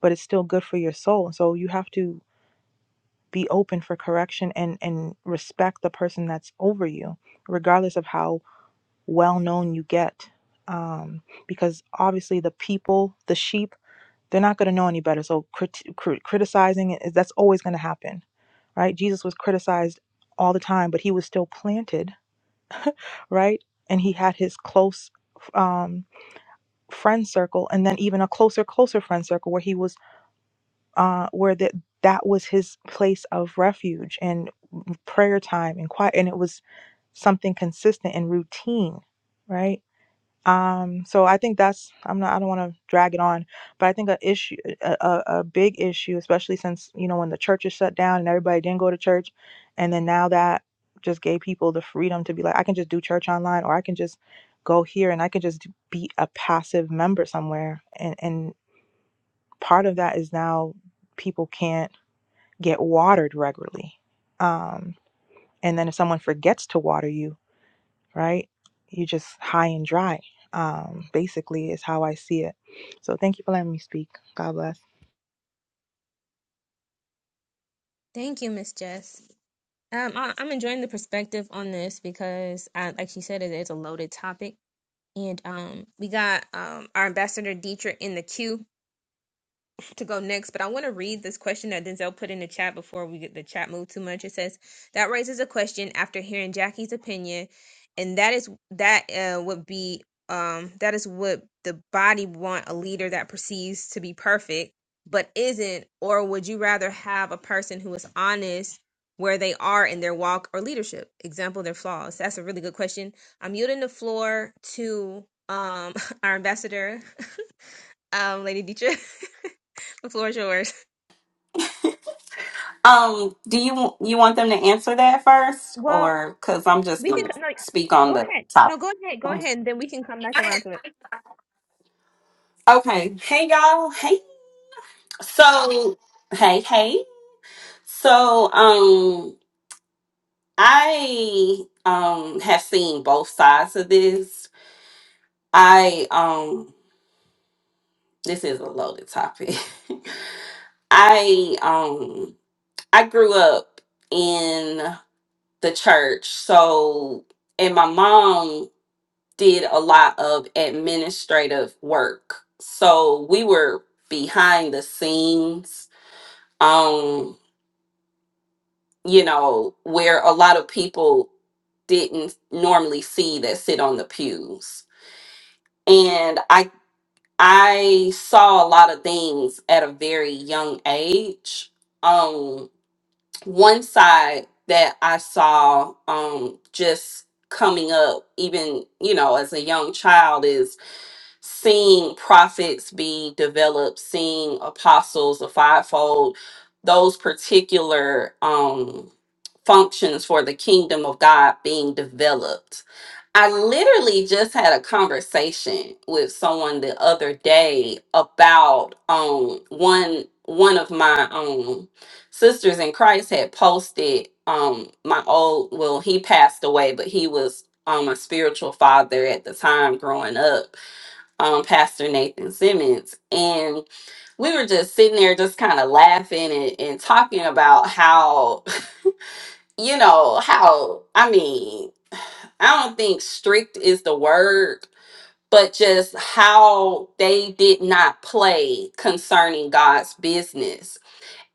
M: but it's still good for your soul so you have to be open for correction and and respect the person that's over you regardless of how well known you get um, because obviously the people the sheep they're not going to know any better so crit- crit- criticizing is that's always going to happen right jesus was criticized all the time but he was still planted right and he had his close um friend circle and then even a closer closer friend circle where he was uh where that that was his place of refuge and prayer time and quiet and it was something consistent and routine right um, so I think that's I'm not I don't want to drag it on, but I think a issue a, a a big issue, especially since you know when the church is shut down and everybody didn't go to church, and then now that just gave people the freedom to be like I can just do church online or I can just go here and I can just be a passive member somewhere, and and part of that is now people can't get watered regularly, um, and then if someone forgets to water you right? You're just high and dry. Um, basically, is how I see it. So thank you for letting me speak. God bless.
A: Thank you, Miss Jess. Um, I, I'm enjoying the perspective on this because, uh, like she said, it is a loaded topic. And um, we got um, our ambassador Dietrich in the queue to go next, but I want to read this question that Denzel put in the chat before we get the chat moved too much. It says that raises a question after hearing Jackie's opinion, and that is that uh, would be um that is what the body want a leader that perceives to be perfect but isn't, or would you rather have a person who is honest where they are in their walk or leadership? Example, their flaws. That's a really good question. I'm yielding the floor to um our ambassador, um, Lady Dietrich. the floor is yours.
N: Um, do you you want them to answer that first,
A: Well,
N: or because I'm just
A: we can
N: gonna
A: co- no.
N: speak on
A: Go
N: the
A: ahead.
N: top?
A: No, go ahead. Go ahead, and then we can come back around to it.
N: Okay. Hey y'all. Hey. So hey hey. So um, I um have seen both sides of this. I um, this is a loaded topic. I um, I grew up in the church, so and my mom did a lot of administrative work. So we were behind the scenes, um, you know, where a lot of people didn't normally see that sit on the pews. And I I saw a lot of things at a very young age. Um one side that I saw um just coming up even, you know, as a young child is seeing prophets be developed, seeing apostles, the fivefold, those particular um, functions for the kingdom of God being developed. I literally just had a conversation with someone the other day about um, one one of my um, sisters in Christ had posted um, my old well he passed away, but he was um, a spiritual father at the time growing up um, Pastor Nathan Simmons. And we were just sitting there, just kind of laughing and, and talking about how, you know, how, I mean, I don't think strict is the word, but just how they did not play concerning God's business.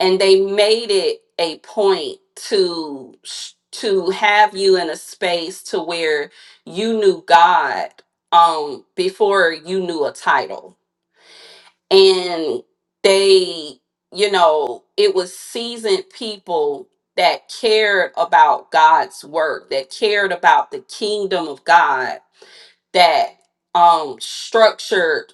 N: And they made it a point to to have you in a space to where you knew God um before you knew a title and they you know it was seasoned people that cared about god's work that cared about the kingdom of god that um structured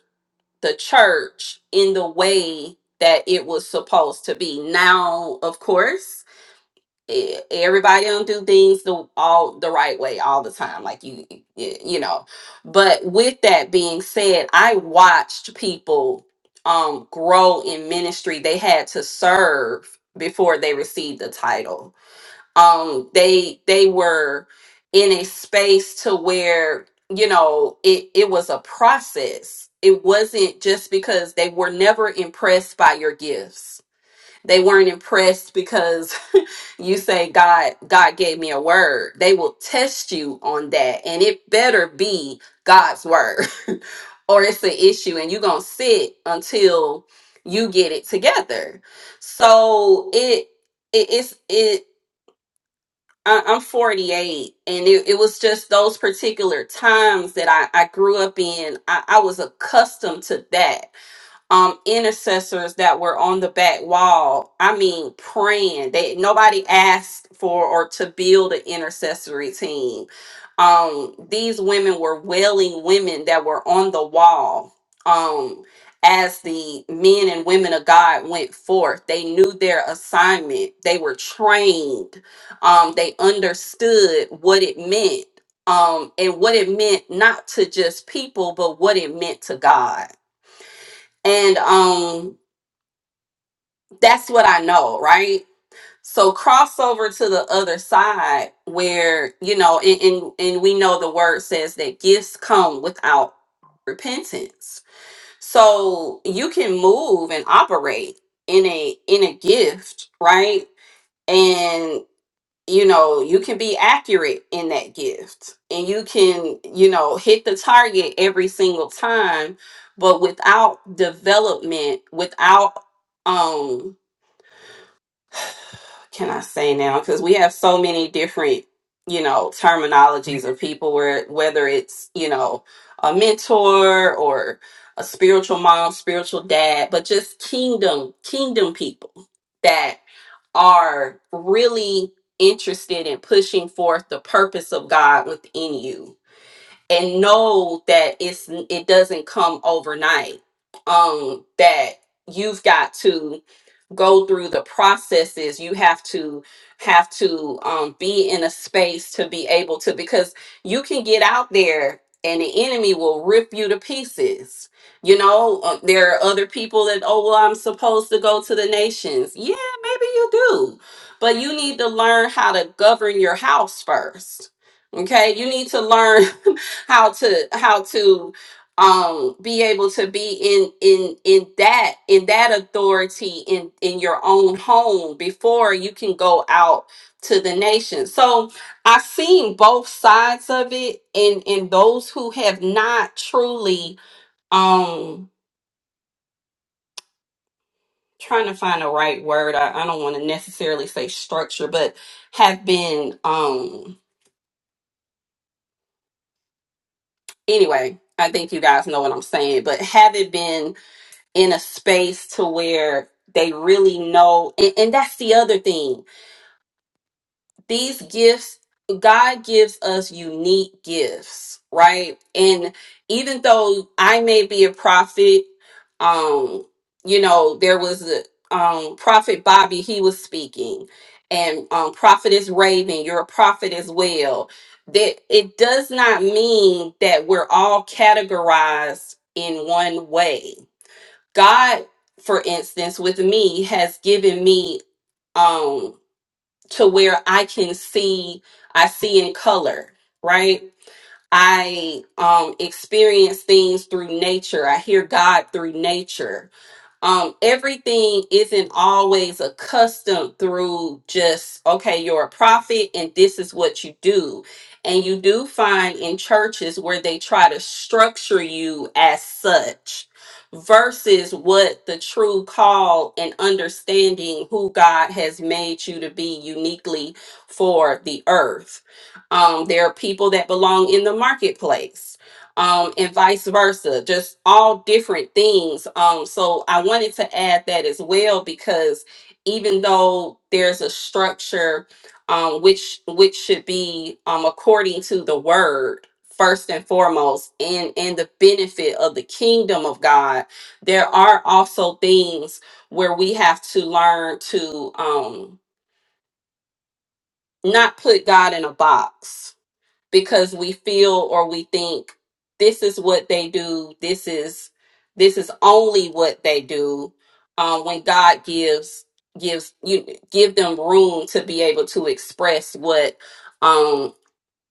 N: the church in the way that it was supposed to be now of course e- everybody don't do things the all the right way all the time like you y- you know but with that being said i watched people um grow in ministry they had to serve before they received the title um they they were in a space to where you know it it was a process it wasn't just because they were never impressed by your gifts they weren't impressed because you say God God gave me a word. They will test you on that and it better be God's word or it's an issue and you're going to sit until you get it together. So it it is it I- I'm 48, and it, it was just those particular times that I, I grew up in. I, I was accustomed to that um intercessors that were on the back wall i mean praying they nobody asked for or to build an intercessory team um these women were wailing women that were on the wall um as the men and women of god went forth they knew their assignment they were trained um they understood what it meant um and what it meant not to just people but what it meant to god and um that's what I know, right? So crossover to the other side where, you know, and, and and we know the word says that gifts come without repentance. So you can move and operate in a in a gift, right? And you know you can be accurate in that gift and you can you know hit the target every single time but without development without um can i say now because we have so many different you know terminologies of people where whether it's you know a mentor or a spiritual mom spiritual dad but just kingdom kingdom people are really interested in pushing forth the purpose of God within you and know that it's it doesn't come overnight um that you've got to go through the processes you have to have to um, be in a space to be able to because you can get out there and the enemy will rip you to pieces you know uh, there are other people that oh well i'm supposed to go to the nations yeah maybe you do but you need to learn how to govern your house first okay you need to learn how to how to um be able to be in in in that in that authority in in your own home before you can go out to the nation so i've seen both sides of it and and those who have not truly um trying to find the right word i, I don't want to necessarily say structure but have been um anyway i think you guys know what i'm saying but haven't been in a space to where they really know and, and that's the other thing these gifts god gives us unique gifts right and even though i may be a prophet um you know there was a um prophet bobby he was speaking and um prophetess raven you're a prophet as well that it does not mean that we're all categorized in one way God, for instance, with me has given me um to where I can see I see in color, right? I um experience things through nature. I hear God through nature um everything isn't always accustomed through just okay you're a prophet and this is what you do and you do find in churches where they try to structure you as such versus what the true call and understanding who God has made you to be uniquely for the earth um there are people that belong in the marketplace um, and vice versa, just all different things. Um, so I wanted to add that as well because even though there's a structure, um, which which should be um, according to the word first and foremost, and and the benefit of the kingdom of God, there are also things where we have to learn to um, not put God in a box because we feel or we think this is what they do this is this is only what they do um, when god gives gives you give them room to be able to express what um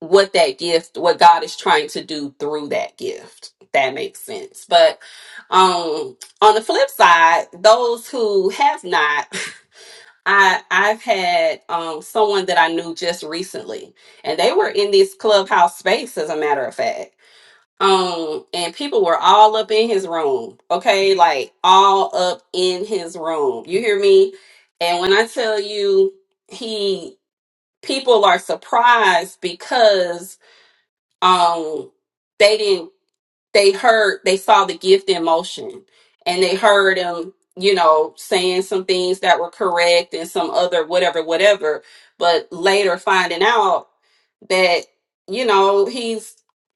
N: what that gift what god is trying to do through that gift if that makes sense but um on the flip side those who have not I I've had um someone that I knew just recently, and they were in this clubhouse space, as a matter of fact. Um, and people were all up in his room, okay, like all up in his room. You hear me? And when I tell you, he people are surprised because um they didn't they heard they saw the gift in motion and they heard him you know saying some things that were correct and some other whatever whatever but later finding out that you know he's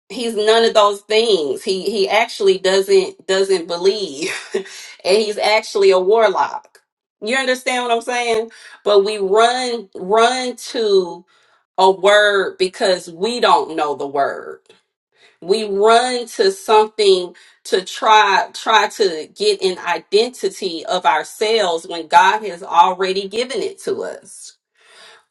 N: he's none of those things he he actually doesn't doesn't believe and he's actually a warlock you understand what i'm saying but we run run to a word because we don't know the word we run to something to try try to get an identity of ourselves when God has already given it to us.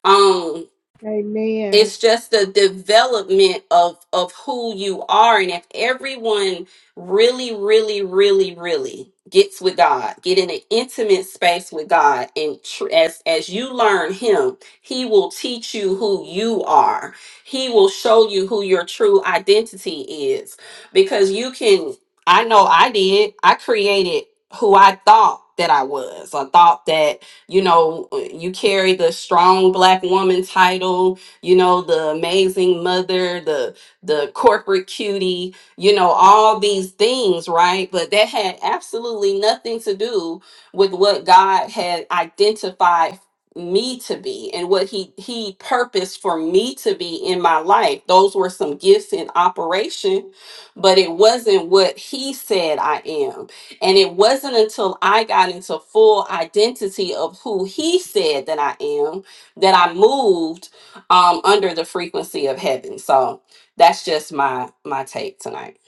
N: Um,
H: Amen.
N: it's just the development of of who you are and if everyone really really really really gets with god get in an intimate space with god and tr- as as you learn him he will teach you who you are he will show you who your true identity is because you can i know i did i created who i thought that i was i thought that you know you carry the strong black woman title you know, the amazing mother, the the corporate cutie, you know, all these things, right? But that had absolutely nothing to do with what God had identified me to be and what he he purposed for me to be in my life those were some gifts in operation but it wasn't what he said i am and it wasn't until i got into full identity of who he said that i am that i moved um under the frequency of heaven. So that's just my my take tonight.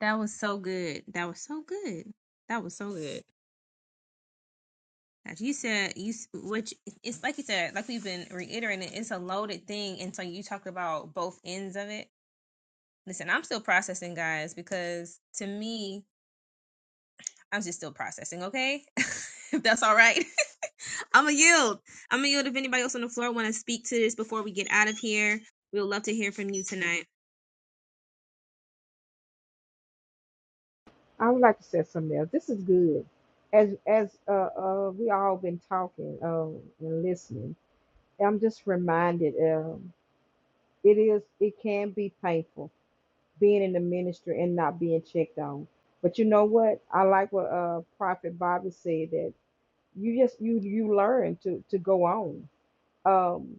A: That was so good. That was so good. That was so good. As you said, you s- which it's like you said, like we've been reiterating, it's a loaded thing, and so you talked about both ends of it. Listen, I'm still processing, guys, because to me, I'm just still processing. Okay, if that's all right, I'm gonna yield. I'm gonna yield. If anybody else on the floor want to speak to this before we get out of here, we would love to hear from you tonight.
H: I would like to say something else. This is good. As as uh, uh, we all been talking um, and listening, I'm just reminded um, it is it can be painful being in the ministry and not being checked on. But you know what? I like what uh, Prophet Bobby said that you just you you learn to to go on. Um,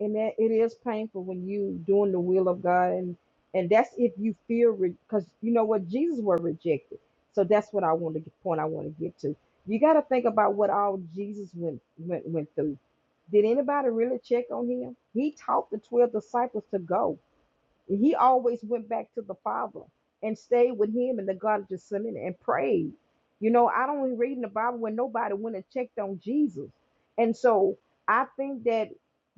H: and that it is painful when you doing the will of God, and and that's if you feel because you know what Jesus were rejected. So that's what I want to get point I want to get to. You got to think about what all Jesus went went went through. Did anybody really check on him? He taught the twelve disciples to go. He always went back to the Father and stayed with him in the Garden of Gethsemane and prayed. You know, I don't even read in the Bible when nobody went and checked on Jesus. And so I think that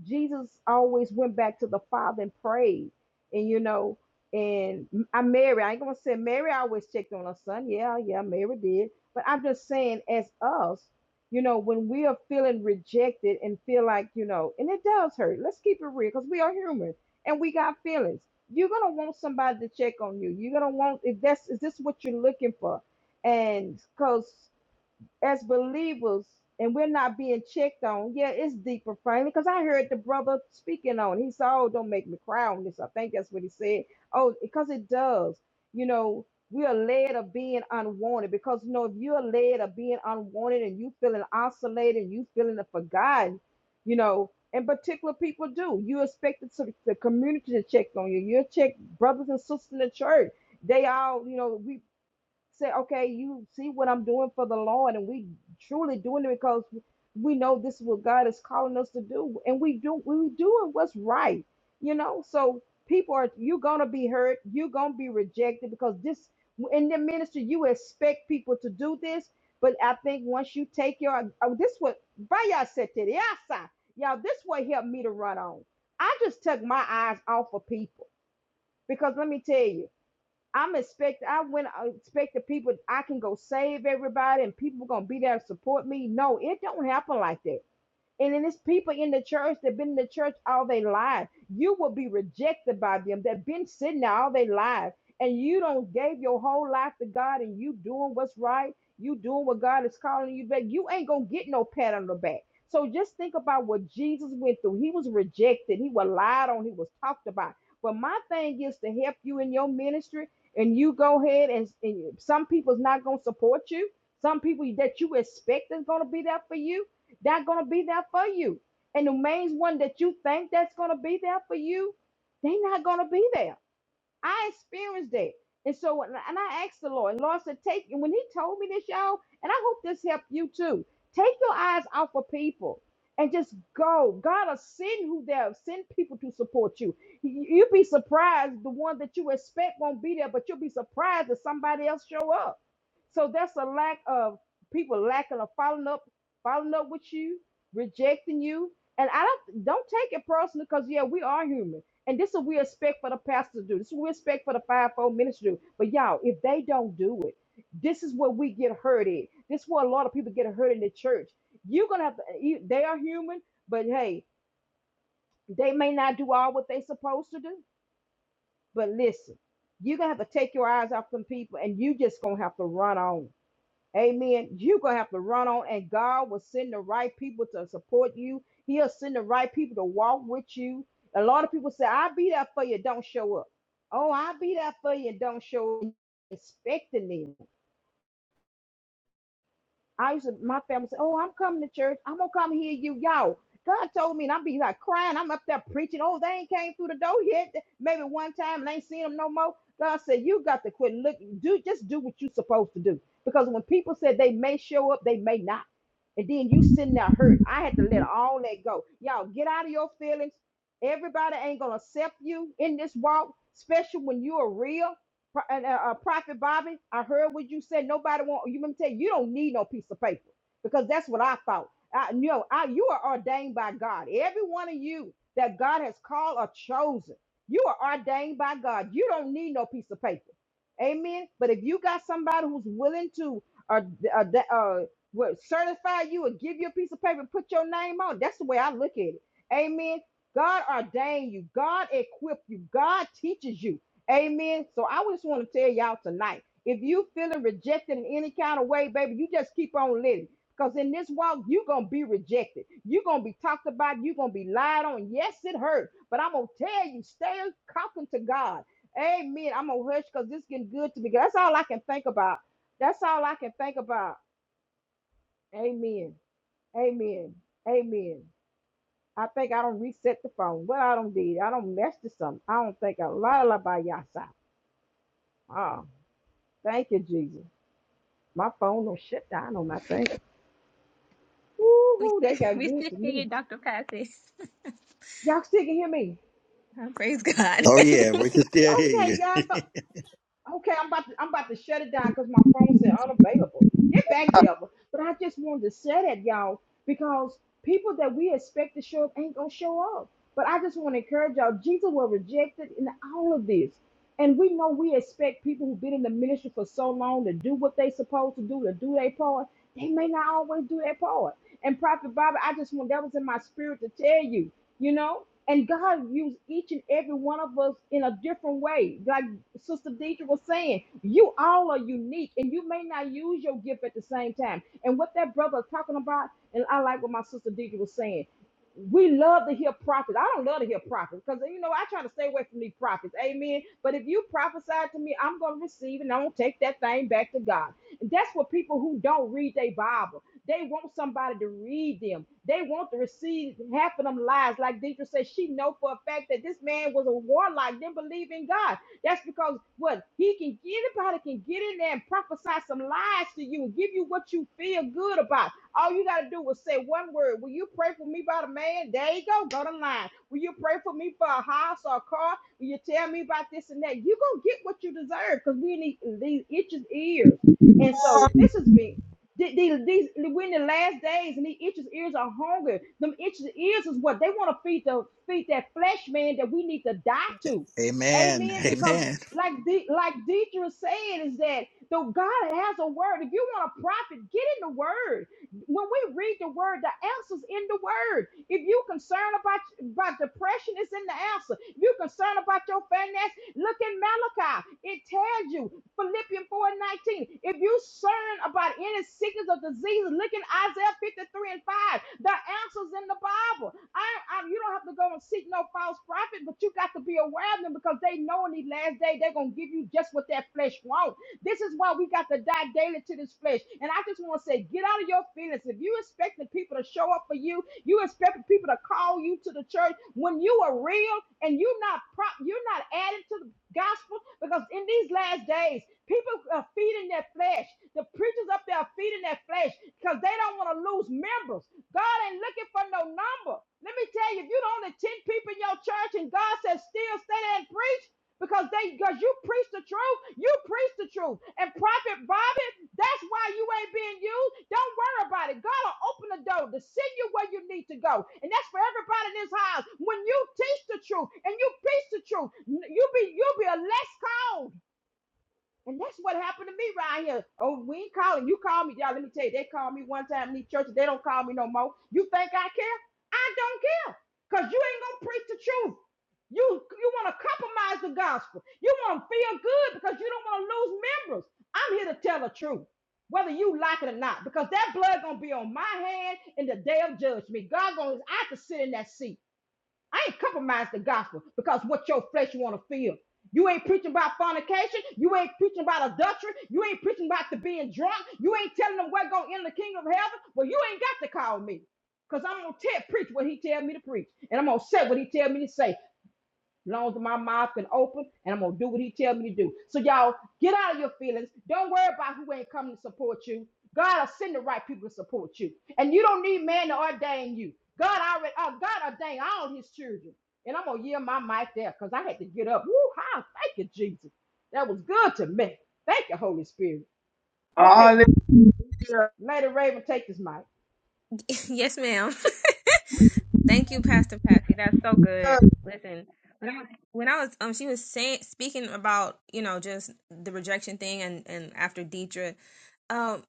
H: Jesus always went back to the Father and prayed. And you know, and I Mary, I ain't gonna say Mary always checked on her son. Yeah, yeah, Mary did. But I'm just saying, as us, you know, when we are feeling rejected and feel like, you know, and it does hurt. Let's keep it real because we are human and we got feelings you're gonna want somebody to check on you. You're gonna want if that's is this what you're looking for, and because as believers and we're not being checked on, yeah, it's deeper, frankly, because I heard the brother speaking on. He said, Oh, don't make me cry on this. I think that's what he said. Oh, because it does. You know, we are led of being unwanted because, you know, if you're led of being unwanted and you feeling isolated and you feeling forgotten, you know, and particular people do, you expect the, the community to check on you. You're checked, brothers and sisters in the church. They all, you know, we say, okay, you see what I'm doing for the Lord, and we truly doing it because we know this is what God is calling us to do, and we do we doing what's right, you know. So people are you're gonna be hurt, you're gonna be rejected because this in the ministry you expect people to do this, but I think once you take your oh, this what Baya said to the outside, y'all, this what helped me to run on. I just took my eyes off of people because let me tell you. I'm expect I went I expect the people I can go save everybody and people gonna be there to support me. No, it don't happen like that. And then it's people in the church that been in the church all their life. You will be rejected by them that been sitting there all their life. And you don't gave your whole life to God and you doing what's right. You doing what God is calling you back. You ain't gonna get no pat on the back. So just think about what Jesus went through. He was rejected, he was lied on, he was talked about. But my thing is to help you in your ministry, and you go ahead and, and some people's not gonna support you. Some people that you expect is gonna be there for you they're going to be there for you. And the main one that you think that's going to be there for you, they're not going to be there. I experienced that. And so, and I asked the Lord, and Lord said, take, and when he told me this, y'all, and I hope this helped you too, take your eyes off of people and just go. God will send who there, send people to support you. You- You'd be surprised the one that you expect won't be there, but you'll be surprised if somebody else show up. So that's a lack of people lacking of following up, following up with you, rejecting you. And I don't don't take it personally because yeah, we are human. And this is what we expect for the pastor to do. This is what we expect for the fivefold ministry to do. But y'all, if they don't do it, this is where we get hurt in. This is where a lot of people get hurt in the church. You're gonna have to. You, they are human, but hey, they may not do all what they supposed to do. But listen, you're gonna have to take your eyes off them people, and you just gonna have to run on. Amen. You're going to have to run on, and God will send the right people to support you. He'll send the right people to walk with you. A lot of people say, I'll be there for you, don't show up. Oh, I'll be there for you, don't show up. Expecting them. I used to, my family said, Oh, I'm coming to church. I'm going to come hear you, y'all. God told me, and I'm be like crying. I'm up there preaching. Oh, they ain't came through the door yet. Maybe one time and ain't seen them no more. God said, You got to quit looking. Do just do what you are supposed to do. Because when people said they may show up, they may not. And then you sitting there hurt. I had to let all that go. Y'all get out of your feelings. Everybody ain't gonna accept you in this walk, especially when you are real. Pro- and, uh, uh, Prophet Bobby, I heard what you said. Nobody want you. Let me tell you, you don't need no piece of paper because that's what I thought. I you know I, you are ordained by God. Every one of you that God has called or chosen, you are ordained by God. You don't need no piece of paper. Amen. But if you got somebody who's willing to uh, uh, uh, what, certify you or give you a piece of paper, and put your name on. That's the way I look at it. Amen. God ordained you. God equipped you. God teaches you. Amen. So I just want to tell y'all tonight, if you feeling rejected in any kind of way, baby, you just keep on living. Because in this walk, you're going to be rejected. You're going to be talked about. You're going to be lied on. Yes, it hurt. But I'm going to tell you, stay talking to God. Amen. I'm going to hush because this is getting good to me. That's all I can think about. That's all I can think about. Amen. Amen. Amen. I think I don't reset the phone. Well, I don't did. I don't mess this up. I don't think i lot of by y'all side. Thank you, Jesus. My phone don't shut down on my thing.
A: We
H: Woo-hoo,
A: still,
H: they got
A: we
H: good
A: still
H: to
A: see
H: me.
A: you, Dr. Patsy.
H: Y'all still can hear me?
A: Praise God.
L: Oh yeah, we can still hear you.
H: Okay, y'all. Okay, I'm about to I'm about to shut it down because my phone said unavailable. Get back there. But I just wanted to say that, y'all, because people that we expect to show up ain't gonna show up. But I just want to encourage y'all, Jesus was rejected in all of this. And we know we expect people who've been in the ministry for so long to do what they supposed to do, to do their part. They may not always do their part. And Prophet Bobby, I just want that was in my spirit to tell you you know and god used each and every one of us in a different way like sister deidre was saying you all are unique and you may not use your gift at the same time and what that brother is talking about and i like what my sister deidre was saying we love to hear prophets. I don't love to hear prophets because you know I try to stay away from these prophets. Amen. But if you prophesy to me, I'm gonna receive and I'm gonna take that thing back to God. That's what people who don't read their Bible. They want somebody to read them. They want to receive half of them lies. Like Deidre said, she know for a fact that this man was a warlock, didn't believe in God. That's because what he can anybody can get in there and prophesy some lies to you and give you what you feel good about. All you gotta do is say one word. Will you pray for me about a man? There you go, go to line. Will you pray for me for a house or a car? Will you tell me about this and that? You gonna get what you deserve because we need these itches ears. And so this has been the- the- these we're in the last days, and these itches ears are hungry. Them itches ears is what they want to feed the feed that flesh man that we need to die to.
L: Amen.
H: Amen. Because
L: Amen.
H: like the like Deidre said, is that the God has a word. If you want a prophet, get in the word. When we read the word, the answer's in the word. If you concerned about about depression, it's in the answer. If you concerned about your finance, look in Malachi. It tells you Philippians 4:19. If you cern about any sickness or disease, look in Isaiah 53 and 5. The answer's in the Bible. I, I, you don't have to go and seek no false prophet, but you got to be aware of them because they know in these last days they're going to give you just what that flesh wants. This is why we got to die daily to this flesh. And I just want to say, get out of your feelings. If you expect the people to show up for you, you expect the people to call you to the church when you are real and you're not prop, you're not adding to the gospel because in these last days, people are feeding their flesh. The preachers up there are feeding their flesh because they don't want to lose members. God ain't looking for no number. Let me tell you, if you don't only 10 people in your church and God says still stay there and preach, because they because you preach the truth you preach the truth and prophet Bobby, that's why you ain't being used don't worry about it god will open the door to send you where you need to go and that's for everybody in this house when you teach the truth and you preach the truth n- you be you will be a less called and that's what happened to me right here. Oh, we ain't calling. You call me, y'all. Let me tell you, they called me one time in these churches. They don't call me no more. You think I care? I don't care. Because you ain't gonna preach the truth. You you want to compromise the gospel. You want to feel good because you don't want to lose members. I'm here to tell the truth, whether you like it or not, because that blood gonna be on my hand in the day of judgment. God gonna I have to sit in that seat. I ain't compromised the gospel because what your flesh want to feel. You ain't preaching about fornication. You ain't preaching about adultery. You ain't preaching about the being drunk. You ain't telling them what going in the kingdom of heaven. Well, you ain't got to call me. Cause I'm gonna tell, preach what he tell me to preach, and I'm gonna say what he tell me to say, long as my mouth can open and I'm gonna do what he tell me to do. So y'all get out of your feelings. Don't worry about who ain't coming to support you. God will send the right people to support you. And you don't need man to ordain you. God already uh, God ordained all his children. And I'm gonna yield my mic there because I had to get up. Woo how thank you, Jesus. That was good to me. Thank you, Holy Spirit.
G: All
H: Okay,
G: it does.
H: Lady Raven, take this mic.
A: yes, ma'am. Thank you, Pastor Patsy. That's so good. Listen, when I, when I was um, she was saying speaking about you know just the rejection thing, and and after Deidre, um,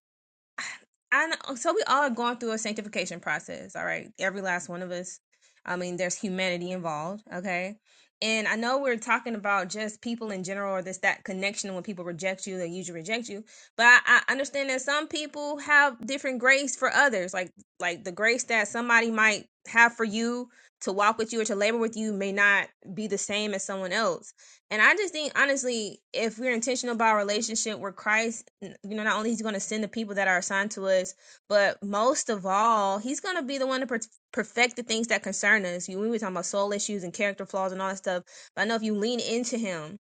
A: I know, so we all are going through a sanctification process, all right? Every last one of us. I mean, there's humanity involved, okay? And I know we're talking about just people in general or this that connection when people reject you, they usually reject you. But I, I understand that some people have different grace for others. Like like the grace that somebody might have for you to walk with you or to labor with you may not be the same as someone else. And I just think, honestly, if we're intentional about our relationship with Christ, you know, not only He's going to send the people that are assigned to us, but most of all, He's going to be the one to per- perfect the things that concern us. You, we were talking about soul issues and character flaws and all that stuff. But I know if you lean into Him,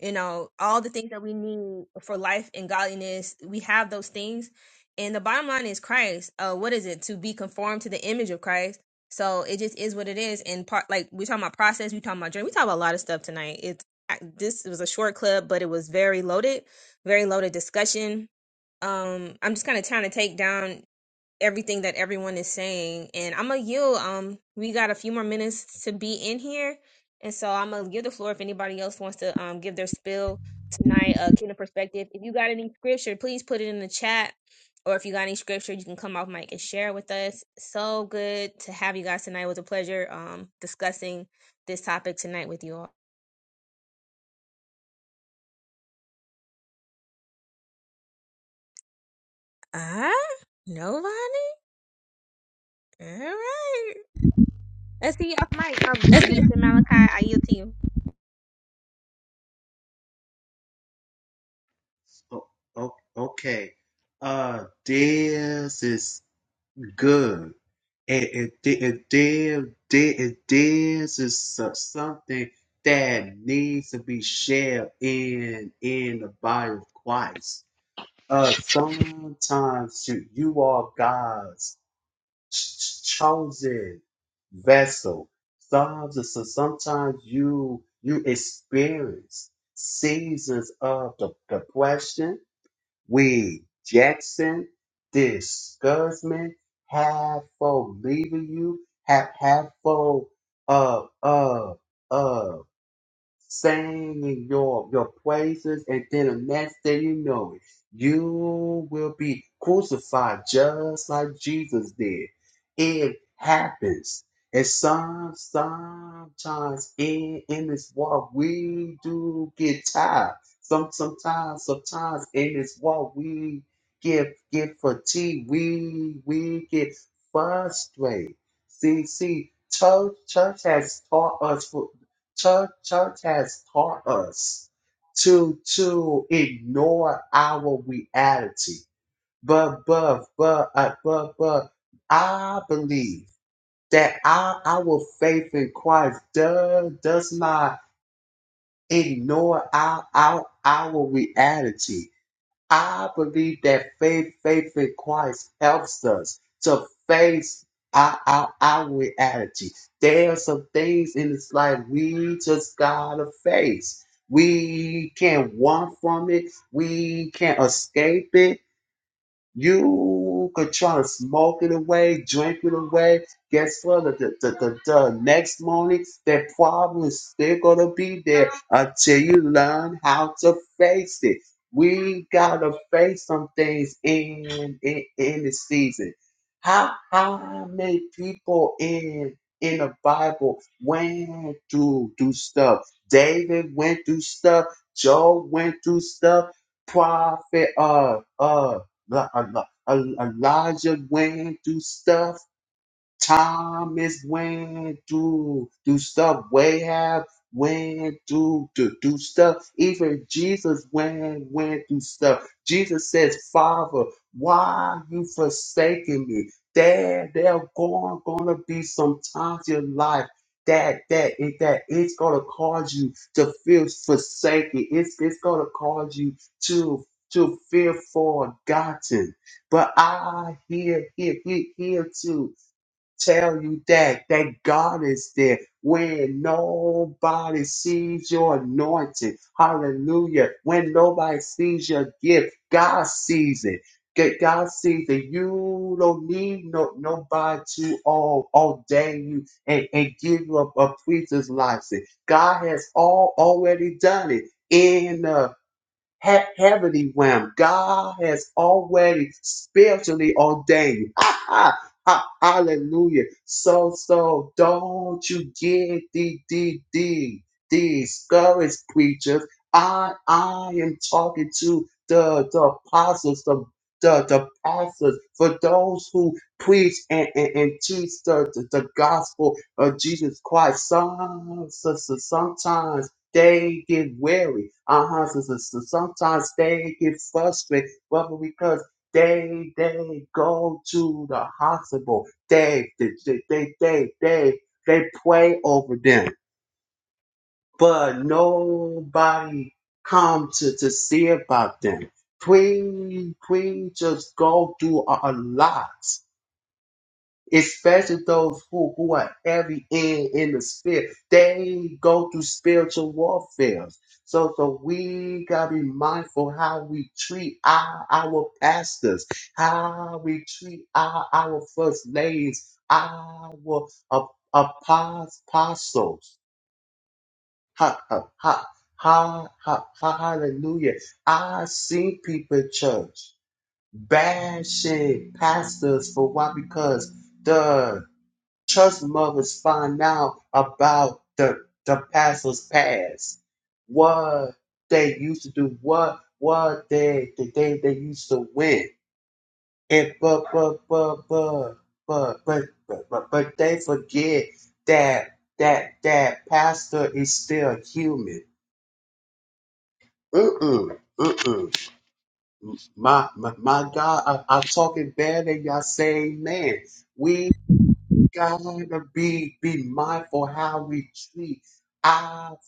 A: you know, all the things that we need for life and godliness, we have those things. And the bottom line is Christ. Uh, what is it? To be conformed to the image of Christ. So it just is what it is. And part like we are talking about process, we are talking about journey, we talk about a lot of stuff tonight. It, I, this was a short clip, but it was very loaded, very loaded discussion. Um, I'm just kind of trying to take down everything that everyone is saying, and I'm gonna yield. Um, we got a few more minutes to be in here, and so I'm gonna give the floor if anybody else wants to um give their spill tonight, uh, kingdom perspective. If you got any scripture, please put it in the chat. Or if you got any scripture, you can come off mic and share with us. So good to have you guys tonight. It was a pleasure um discussing this topic tonight with you all. Ah, nobody. All right. Let's see you off mic. Um, um, Minister Malachi, I yield to you.
G: Oh, oh, okay. Uh, this is good. It, it, it, it, this- this- this is so- something that needs to be shared in in the body of Christ. Uh, sometimes you, you are God's chosen vessel. Sometimes, so sometimes you you experience seasons of de- depression, rejection, discouragement, half for leaving you, half half for uh uh uh Sing your, your praises, and then the next thing you know it, you will be crucified just like Jesus did. It happens. And some, sometimes in, in this walk, we do get tired. Some, sometimes, sometimes in this walk, we get, get fatigued. We, we get frustrated. See, see, church, church has taught us church church has taught us to to ignore our reality but but but uh, but but i believe that our our faith in christ does does not ignore our our, our reality I believe that faith, faith in Christ helps us to face our, our, our reality. There are some things in this life we just gotta face. We can't run from it. We can't escape it you could try to smoke it away, drink it away. Guess what? The, the, the, the next morning, that problem is still going to be there until you learn how to face it. We got to face some things in, in, in the season. How, how many people in in the Bible went through, through stuff? David went through stuff. Job went through stuff. Prophet uh, uh, Elijah went through stuff Time is when to do stuff. Way have when to do, do stuff. Even Jesus went went do stuff. Jesus says, Father, why you forsaking me? There, there going gonna be some times in your life that that it, that it's gonna cause you to feel forsaken. It's it's gonna cause you to to feel forgotten. But I hear here here here too tell you that that God is there when nobody sees your anointing. Hallelujah. When nobody sees your gift, God sees it. G- God sees that you don't need no, nobody to all ordain you and, and give you a, a preacher's license. God has all already done it in. us ha- heavenly realm. God has already spiritually ordained. Ha, ha, ha, hallelujah. So, so don't you get the, the, the, discouraged preachers. I, I am talking to the, the apostles, the the, the pastors, for those who preach and, and, and teach the, the, the gospel of Jesus Christ. Some, so- so- sometimes they get weary. uh huh. are so sometimes they get frustrated, brother, because they they go to the hospital. They they they they they they, they pray over them, but nobody come to to see about them. We we just go through a a lot especially those who, who are heavy in in the spirit they go through spiritual warfare so so we gotta be mindful how we treat our our pastors how we treat our our first ladies our ap- apos- apostles ha, ha, ha, ha, ha, ha- hallelujah i see people in church bashing pastors for why because Trust mothers find out about the the pastor's past, what they used to do, what what they the day they used to win. And but but but but but but but but, but they forget that that that pastor is still human. Mm-mm, mm-mm. My, my my God, I, I'm talking better than y'all say man. We Gotta be be mindful how we treat our,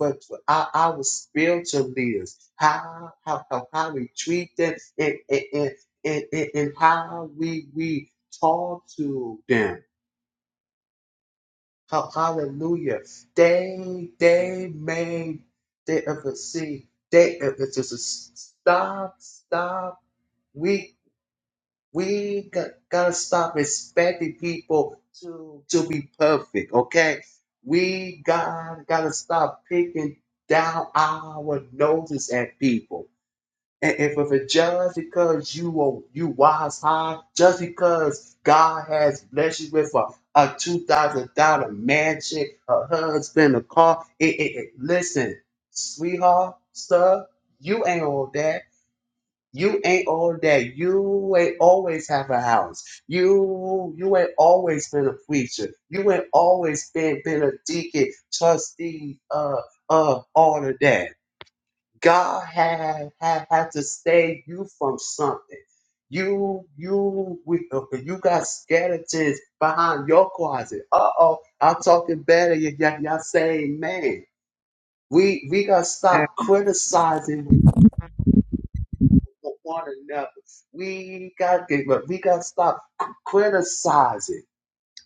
G: our our spiritual leaders, how how how, how we treat them, and and, and, and and and how we we talk to them. Ha- Hallelujah! They they may they ever see they ever just stop stop. We got, gotta stop expecting people to to be perfect, okay? We got gotta stop picking down our noses at people. And if it's just because you are you wise high, just because God has blessed you with a, a two thousand dollar mansion, a husband, a car, it, it, it- listen, sweetheart, sir, you ain't all that. You ain't all that. You ain't always have a house. You you ain't always been a preacher. You ain't always been been a deacon, trustee, uh uh all of that. God had had had to save you from something. You you we- uh, you got skeletons behind your closet. Uh oh, I'm talking better. Y- y- y'all say amen. We we gotta stop criticizing with one another. We got look, we got to stop criticizing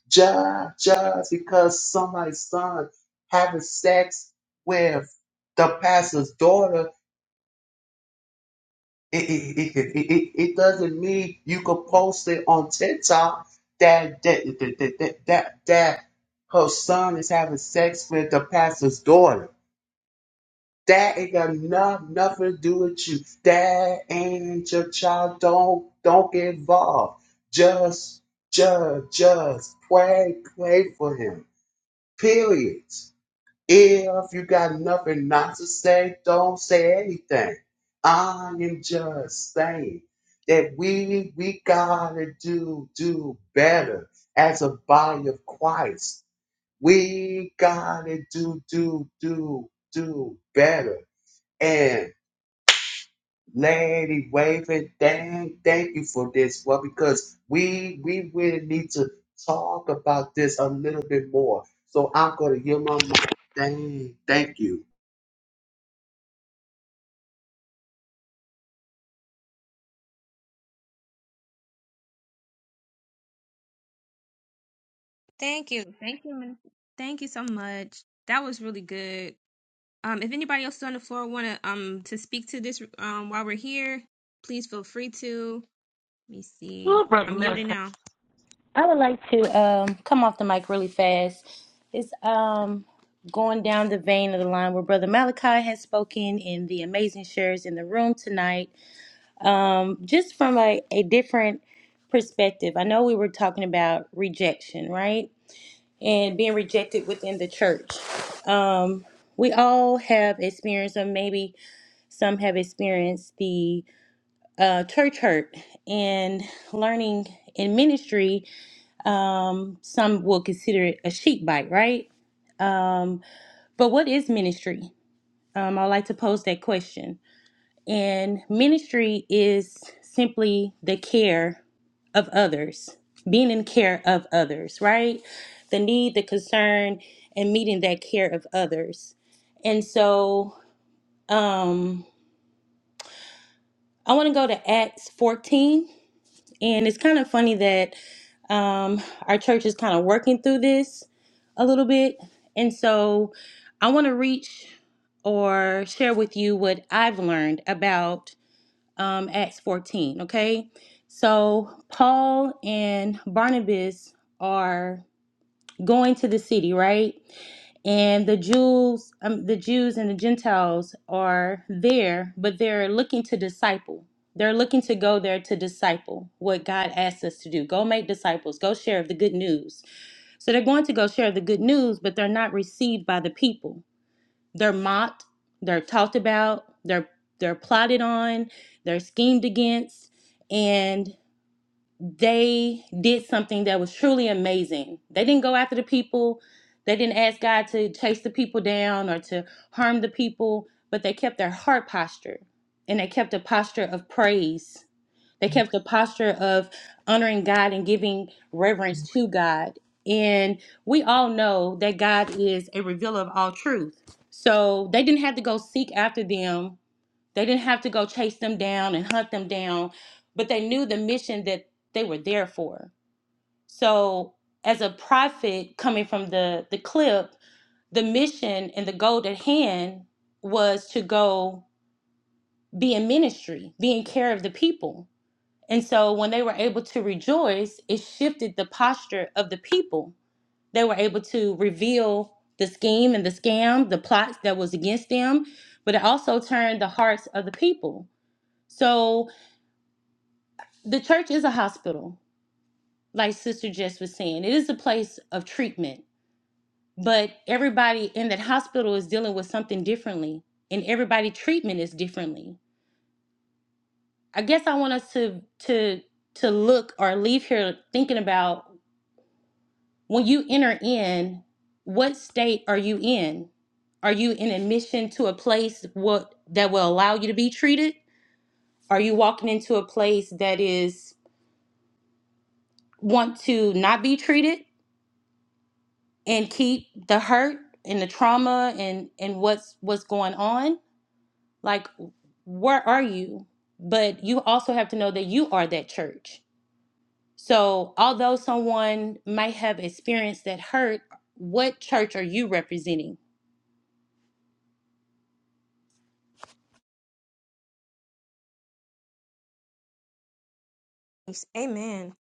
G: just just because somebody's son having sex with the pastor's daughter. It, it, it, it, it, it it doesn't mean you could post it on TikTok that that that that, that, that her son is having sex with the pastor's daughter That ain't got no, nothing to do with you. That ain't your child. Don't don't get involved. Just just just play play for him. Period. If you got nothing not to say, don't say anything. I am just saying that we we gotta do do better as a body of Christ. We gotta do do do do better and Lady Waving, dang, thank you for this one because we we really need to talk about this a little bit more. So I'm gonna give my mic. Dang, thank you.
A: Thank you. Thank you. Min- Thank you so much. That was really good. Um, if anybody else is on the floor want to um to speak to this um while we're here, please feel free to. Let me see. I'm yielding now.
J: I would like to um, come off the mic really fast. It's um, going down the vein of the line where Brother Malachi has spoken and the amazing shares in the room tonight. Um, just from a, a different perspective, I know we were talking about rejection, right? And being rejected within the church. Um, we all have experienced, or maybe some have experienced, the uh, church hurt and learning in ministry um, some will consider it a sheep bite, right? Um, but what is ministry? Um, I like to pose that question. And ministry is simply the care of others, being in care of others, right? The need, the concern, and meeting that care of others. And so um, I want to go to Acts 14 And it's kind of funny that um, our church is kind of working through this a little bit. And so I want to reach or share with you what I've learned about um, Acts 14, okay? So Paul and Barnabas are going to the city, right? and the Jews, um, the Jews and the Gentiles are there, but they're looking to disciple. They're looking to go there to disciple what God asks us to do. Go make disciples. Go share the good news. So they're going to go share the good news, but they're not received by the people. They're mocked. They're talked about. They're they're plotted on. They're schemed against, and they did something that was truly amazing. They didn't go after the people. They didn't ask God to chase the people down or to harm the people, but they kept their heart posture and they kept a posture of praise. They kept a posture of honoring God and giving reverence to God. And we all know that God is a revealer of all truth. So they didn't have to go seek after them they didn't have to go chase them down and hunt them down, but they knew the mission that they were there for. So, as a prophet coming from the, the clip, the mission and the goal at hand was to go be in ministry, be in care of the people. And so, when they were able to rejoice, it shifted the posture of the people. They were able to reveal the scheme and the scam, the plots that was against them, but it also turned the hearts of the people. So, the church is a hospital, like Sister Jess was saying. It is a place of treatment, but everybody in that hospital is dealing with something differently, and everybody treatment is differently. I guess I want us to to to look or leave here thinking about when you enter in, what state are you in? Are you in admission to a place what that will allow you to be treated? Are you walking into a place that is want to not be treated? and keep the hurt and the trauma and and what's what's going on like where are you but you also have to know that you are that church so although someone might have experienced that hurt what church are you representing
A: Thanks. Amen.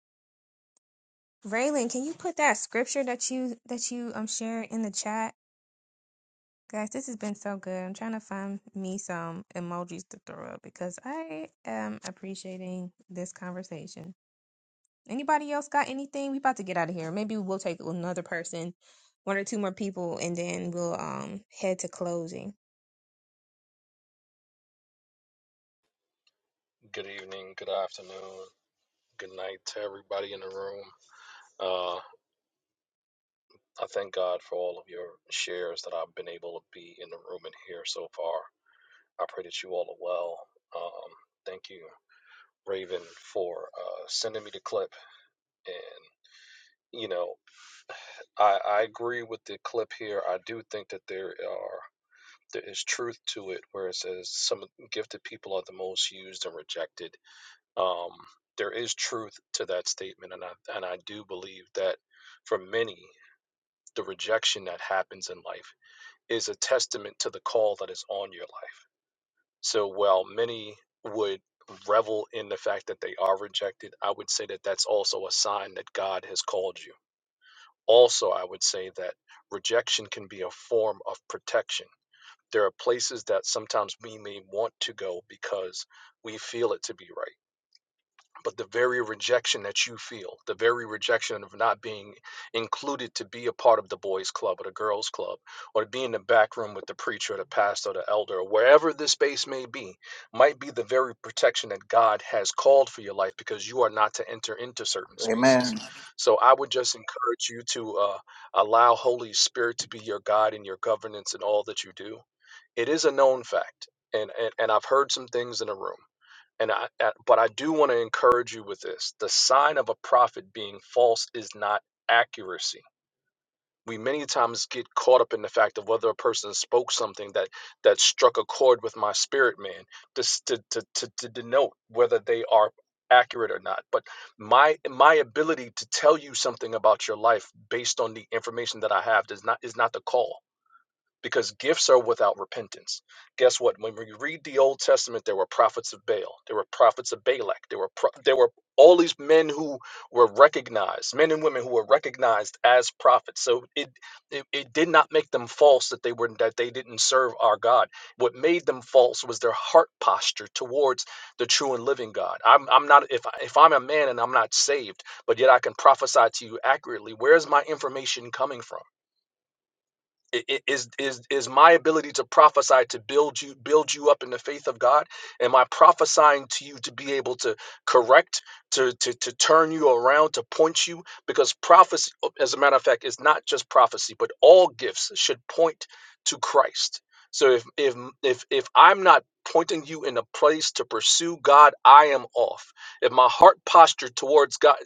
A: Raylan, can you put that scripture that you that you um shared in the chat? Guys, this has been so good. I'm trying to find me some emojis to throw up because I am appreciating this conversation. Anybody else got anything? We about to get out of here. Maybe we'll take another person, one or two more people, and then we'll um head to closing.
O: Good evening, good afternoon, good night to everybody in the room. Uh, I thank God for all of your shares that I've been able to be in the room and hear so far. I pray that you all are well. Um, thank you, Raven, for uh, sending me the clip. And, you know, I, I agree with the clip here. I do think that there are. There is truth to it, where it says some gifted people are the most used and rejected Um, there is truth to that statement, and I and I do believe that for many, the rejection that happens in life is a testament to the call that is on your life. So while many would revel in the fact that they are rejected, I would say that that's also a sign that God has called you. Also, I would say that rejection can be a form of protection. There are places that sometimes we may want to go because we feel it to be right but the very rejection that you feel, the very rejection of not being included to be a part of the boys' club or the girls' club, or to be in the back room with the preacher or the pastor or the elder, or wherever this space may be, might be the very protection that God has called for your life because you are not to enter into certain spaces.
L: Amen.
O: So I would just encourage you to uh, allow Holy Spirit to be your guide and your governance in all that you do. It is a known fact. And, and, and I've heard some things in the room. And I, uh, but I do want to encourage you with this. The sign of a prophet being false is not accuracy. We many times get caught up in the fact of whether a person spoke something that that struck a chord with my spirit man just to, to, to, to denote whether they are accurate or not. But my my ability to tell you something about your life based on the information that I have does not is not the call because gifts are without repentance. Guess what? When we read the Old Testament, there were prophets of Baal, there were prophets of Balak, there were pro- there were all these men who were recognized, men and women who were recognized as prophets. So it it, it did not make them false that they were that they didn't serve our God. What made them false was their heart posture towards the true and living God. I'm I'm not if I- if I'm a man and I'm not saved, but yet I can prophesy to you accurately. Where is my information coming from? I- i- Is is is my ability to prophesy to build you build you up in the faith of God? Am I prophesying to you to be able to correct, to to to turn you around, to point you? Because prophecy, as a matter of fact, is not just prophecy, but all gifts should point to Christ. So if if if if I'm not pointing you in a place to pursue God, I am off. If my heart posture towards God,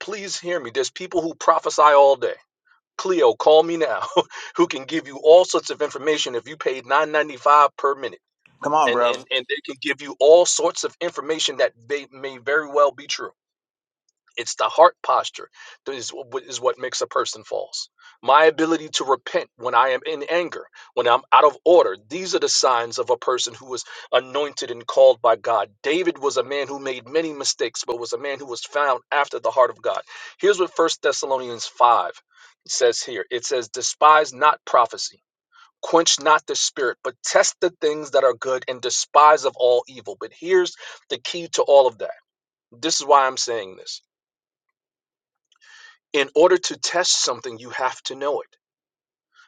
O: please hear me. There's people who prophesy all day Cleo, call me now, who can give you all sorts of information if you paid nine ninety five per minute,
L: Come on,
O: and
L: brother.
O: and and they can give you all sorts of information that they may very well be true. It's the heart posture that is, what- is what makes a person false. My ability to repent when I am in anger, when I'm out of order, these are the signs of a person who was anointed and called by God. David was a man who made many mistakes, but was a man who was found after the heart of God. Here's what First Thessalonians 5 says here it says, Despise not prophecy. Quench not the spirit, but test the things that are good and despise of all evil. But here's the key to all of that. This is why I'm saying this in order to test something, you have to know it.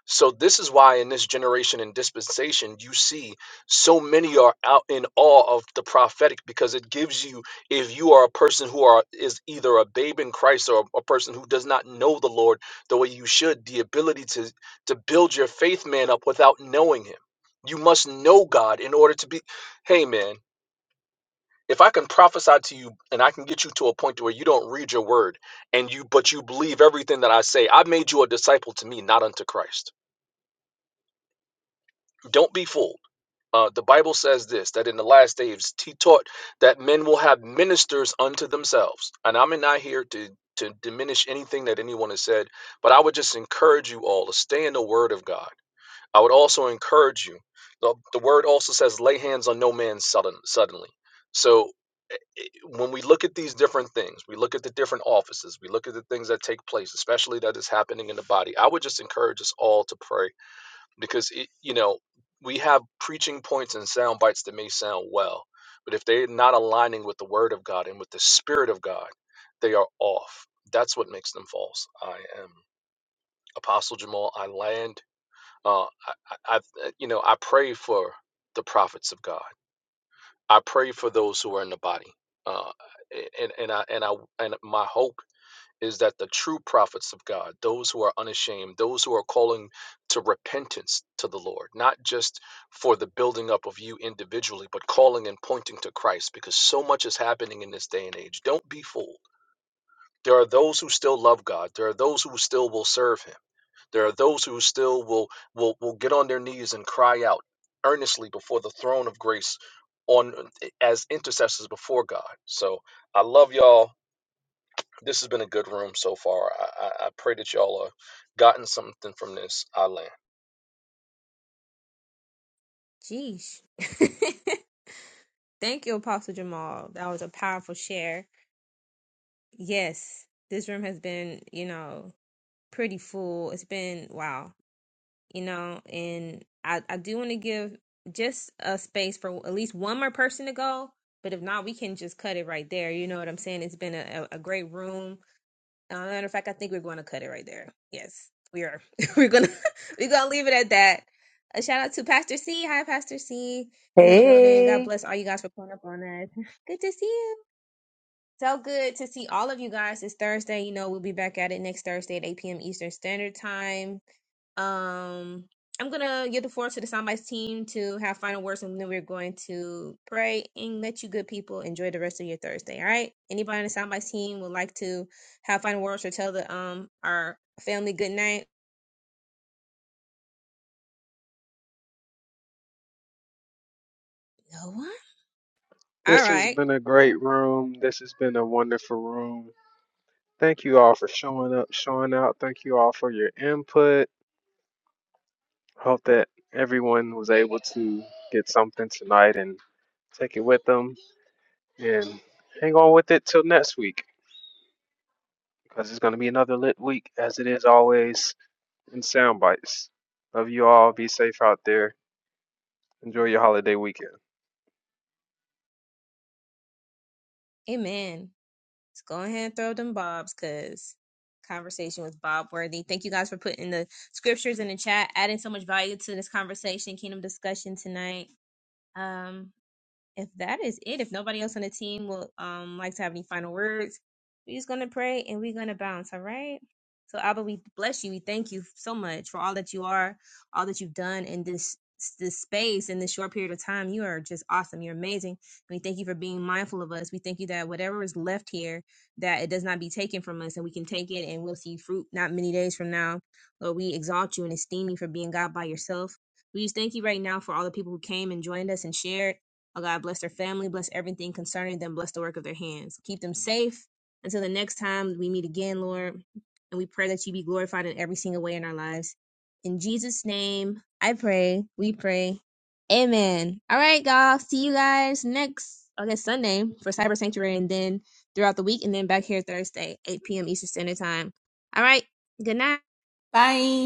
O: So, this is why in this generation and dispensation, you see so many are out in awe of the prophetic because it gives you, if you are a person who are is either a babe in Christ or a person who does not know the Lord the way you should, the ability to to build your faith man up without knowing him. You must know God in order to be. Hey, man, if I can prophesy to you and I can get you to a point to where you don't read your word and you but you believe everything that I say, I made you a disciple to me, not unto Christ. Don't be fooled. Uh, the Bible says this that in the last days he taught that men will have ministers unto themselves. And I'm not here to to diminish anything that anyone has said, but I would just encourage you all to stay in the word of God. I would also encourage you. The, the word also says, lay hands on no man sudden, suddenly. So when we look at these different things, we look at the different offices, we look at the things that take place, especially that is happening in the body. I would just encourage us all to pray because it, you know we have preaching points and sound bites that may sound well, but if they're not aligning with the Word of God and with the Spirit of God, they are off. That's what makes them false. I am Apostle Jamal. I land. Uh, I, I, I, you know, I pray for the prophets of God. I pray for those who are in the body, uh, and and I and I and my hope is that the true prophets of God, those who are unashamed, those who are calling to repentance to the Lord, not just for the building up of you individually, but calling and pointing to Christ, because so much is happening in this day and age. Don't be fooled. There are those who still love God. There are those who still will serve Him there are those who still will will will get on their knees and cry out earnestly before the throne of grace on as intercessors before God. So I love y'all. This has been a good room so far. I, I, I pray that y'all have gotten something from this. I land.
A: Jeesh. Thank you, Apostle Jamal. That was a powerful share. Yes, this room has been, you know, pretty full. It's been wow. you know, and I, I do want to give just a space for at least one more person to go. But if not, we can just cut it right there. You know what I'm saying? It's been a, a great room. Uh, matter of fact, I think we're going to cut it right there. Yes, we are. we're gonna we're gonna leave it at that. A shout out to Pastor C. Hi, Pastor C. In the building.
P: Hey.
A: God bless all you guys for pulling up on us. Good to see you. So good to see all of you guys. It's Thursday. You know, we'll be back at it next Thursday at 8 p.m. Eastern Standard Time. Um, I'm gonna give the floor to the soundbites team to have final words, and then we're going to pray and let you good people enjoy the rest of your Thursday. All right. Anybody on the soundbites team would like to have final words or tell the um our family good night? No one. All
D: This has
A: right.
D: been a great room. This has been a wonderful room. Thank you all for showing up, showing out. Thank you all for your input. Hope that everyone was able to get something tonight and take it with them And hang on with it till next week because it's going to be another lit week, as it is always in sound bites. Love you all. Be safe out there. Enjoy your holiday weekend.
A: Amen. Let's go ahead and throw them bobs, cause conversation was Bob worthy. Thank you guys for putting the scriptures in the chat, adding so much value to this conversation, kingdom discussion tonight. Um, if that is it, if nobody else on the team will um like to have any final words, we're just gonna pray and we're gonna bounce, all right? So Abba, we bless you. We thank you so much for all that you are, all that you've done in this this space in this short period of time. You are just awesome. You're amazing. And we thank you for being mindful of us. We thank you that whatever is left here, that it does not be taken from us, and we can take it and we'll see fruit not many days from now. Lord, we exalt you and esteem you for being God by yourself. We just thank you right now for all the people who came and joined us and shared. Oh God, bless their family, bless everything concerning them, bless the work of their hands. Keep them safe until the next time we meet again, Lord. And we pray that you be glorified in every single way in our lives. In Jesus' name, I pray, we pray. Amen. All right, y'all. See you guys next, I guess, Sunday for Cyber Sanctuary and then throughout the week and then back here Thursday, 8 p.m. Eastern Standard Time. All right. Good night.
N: Bye.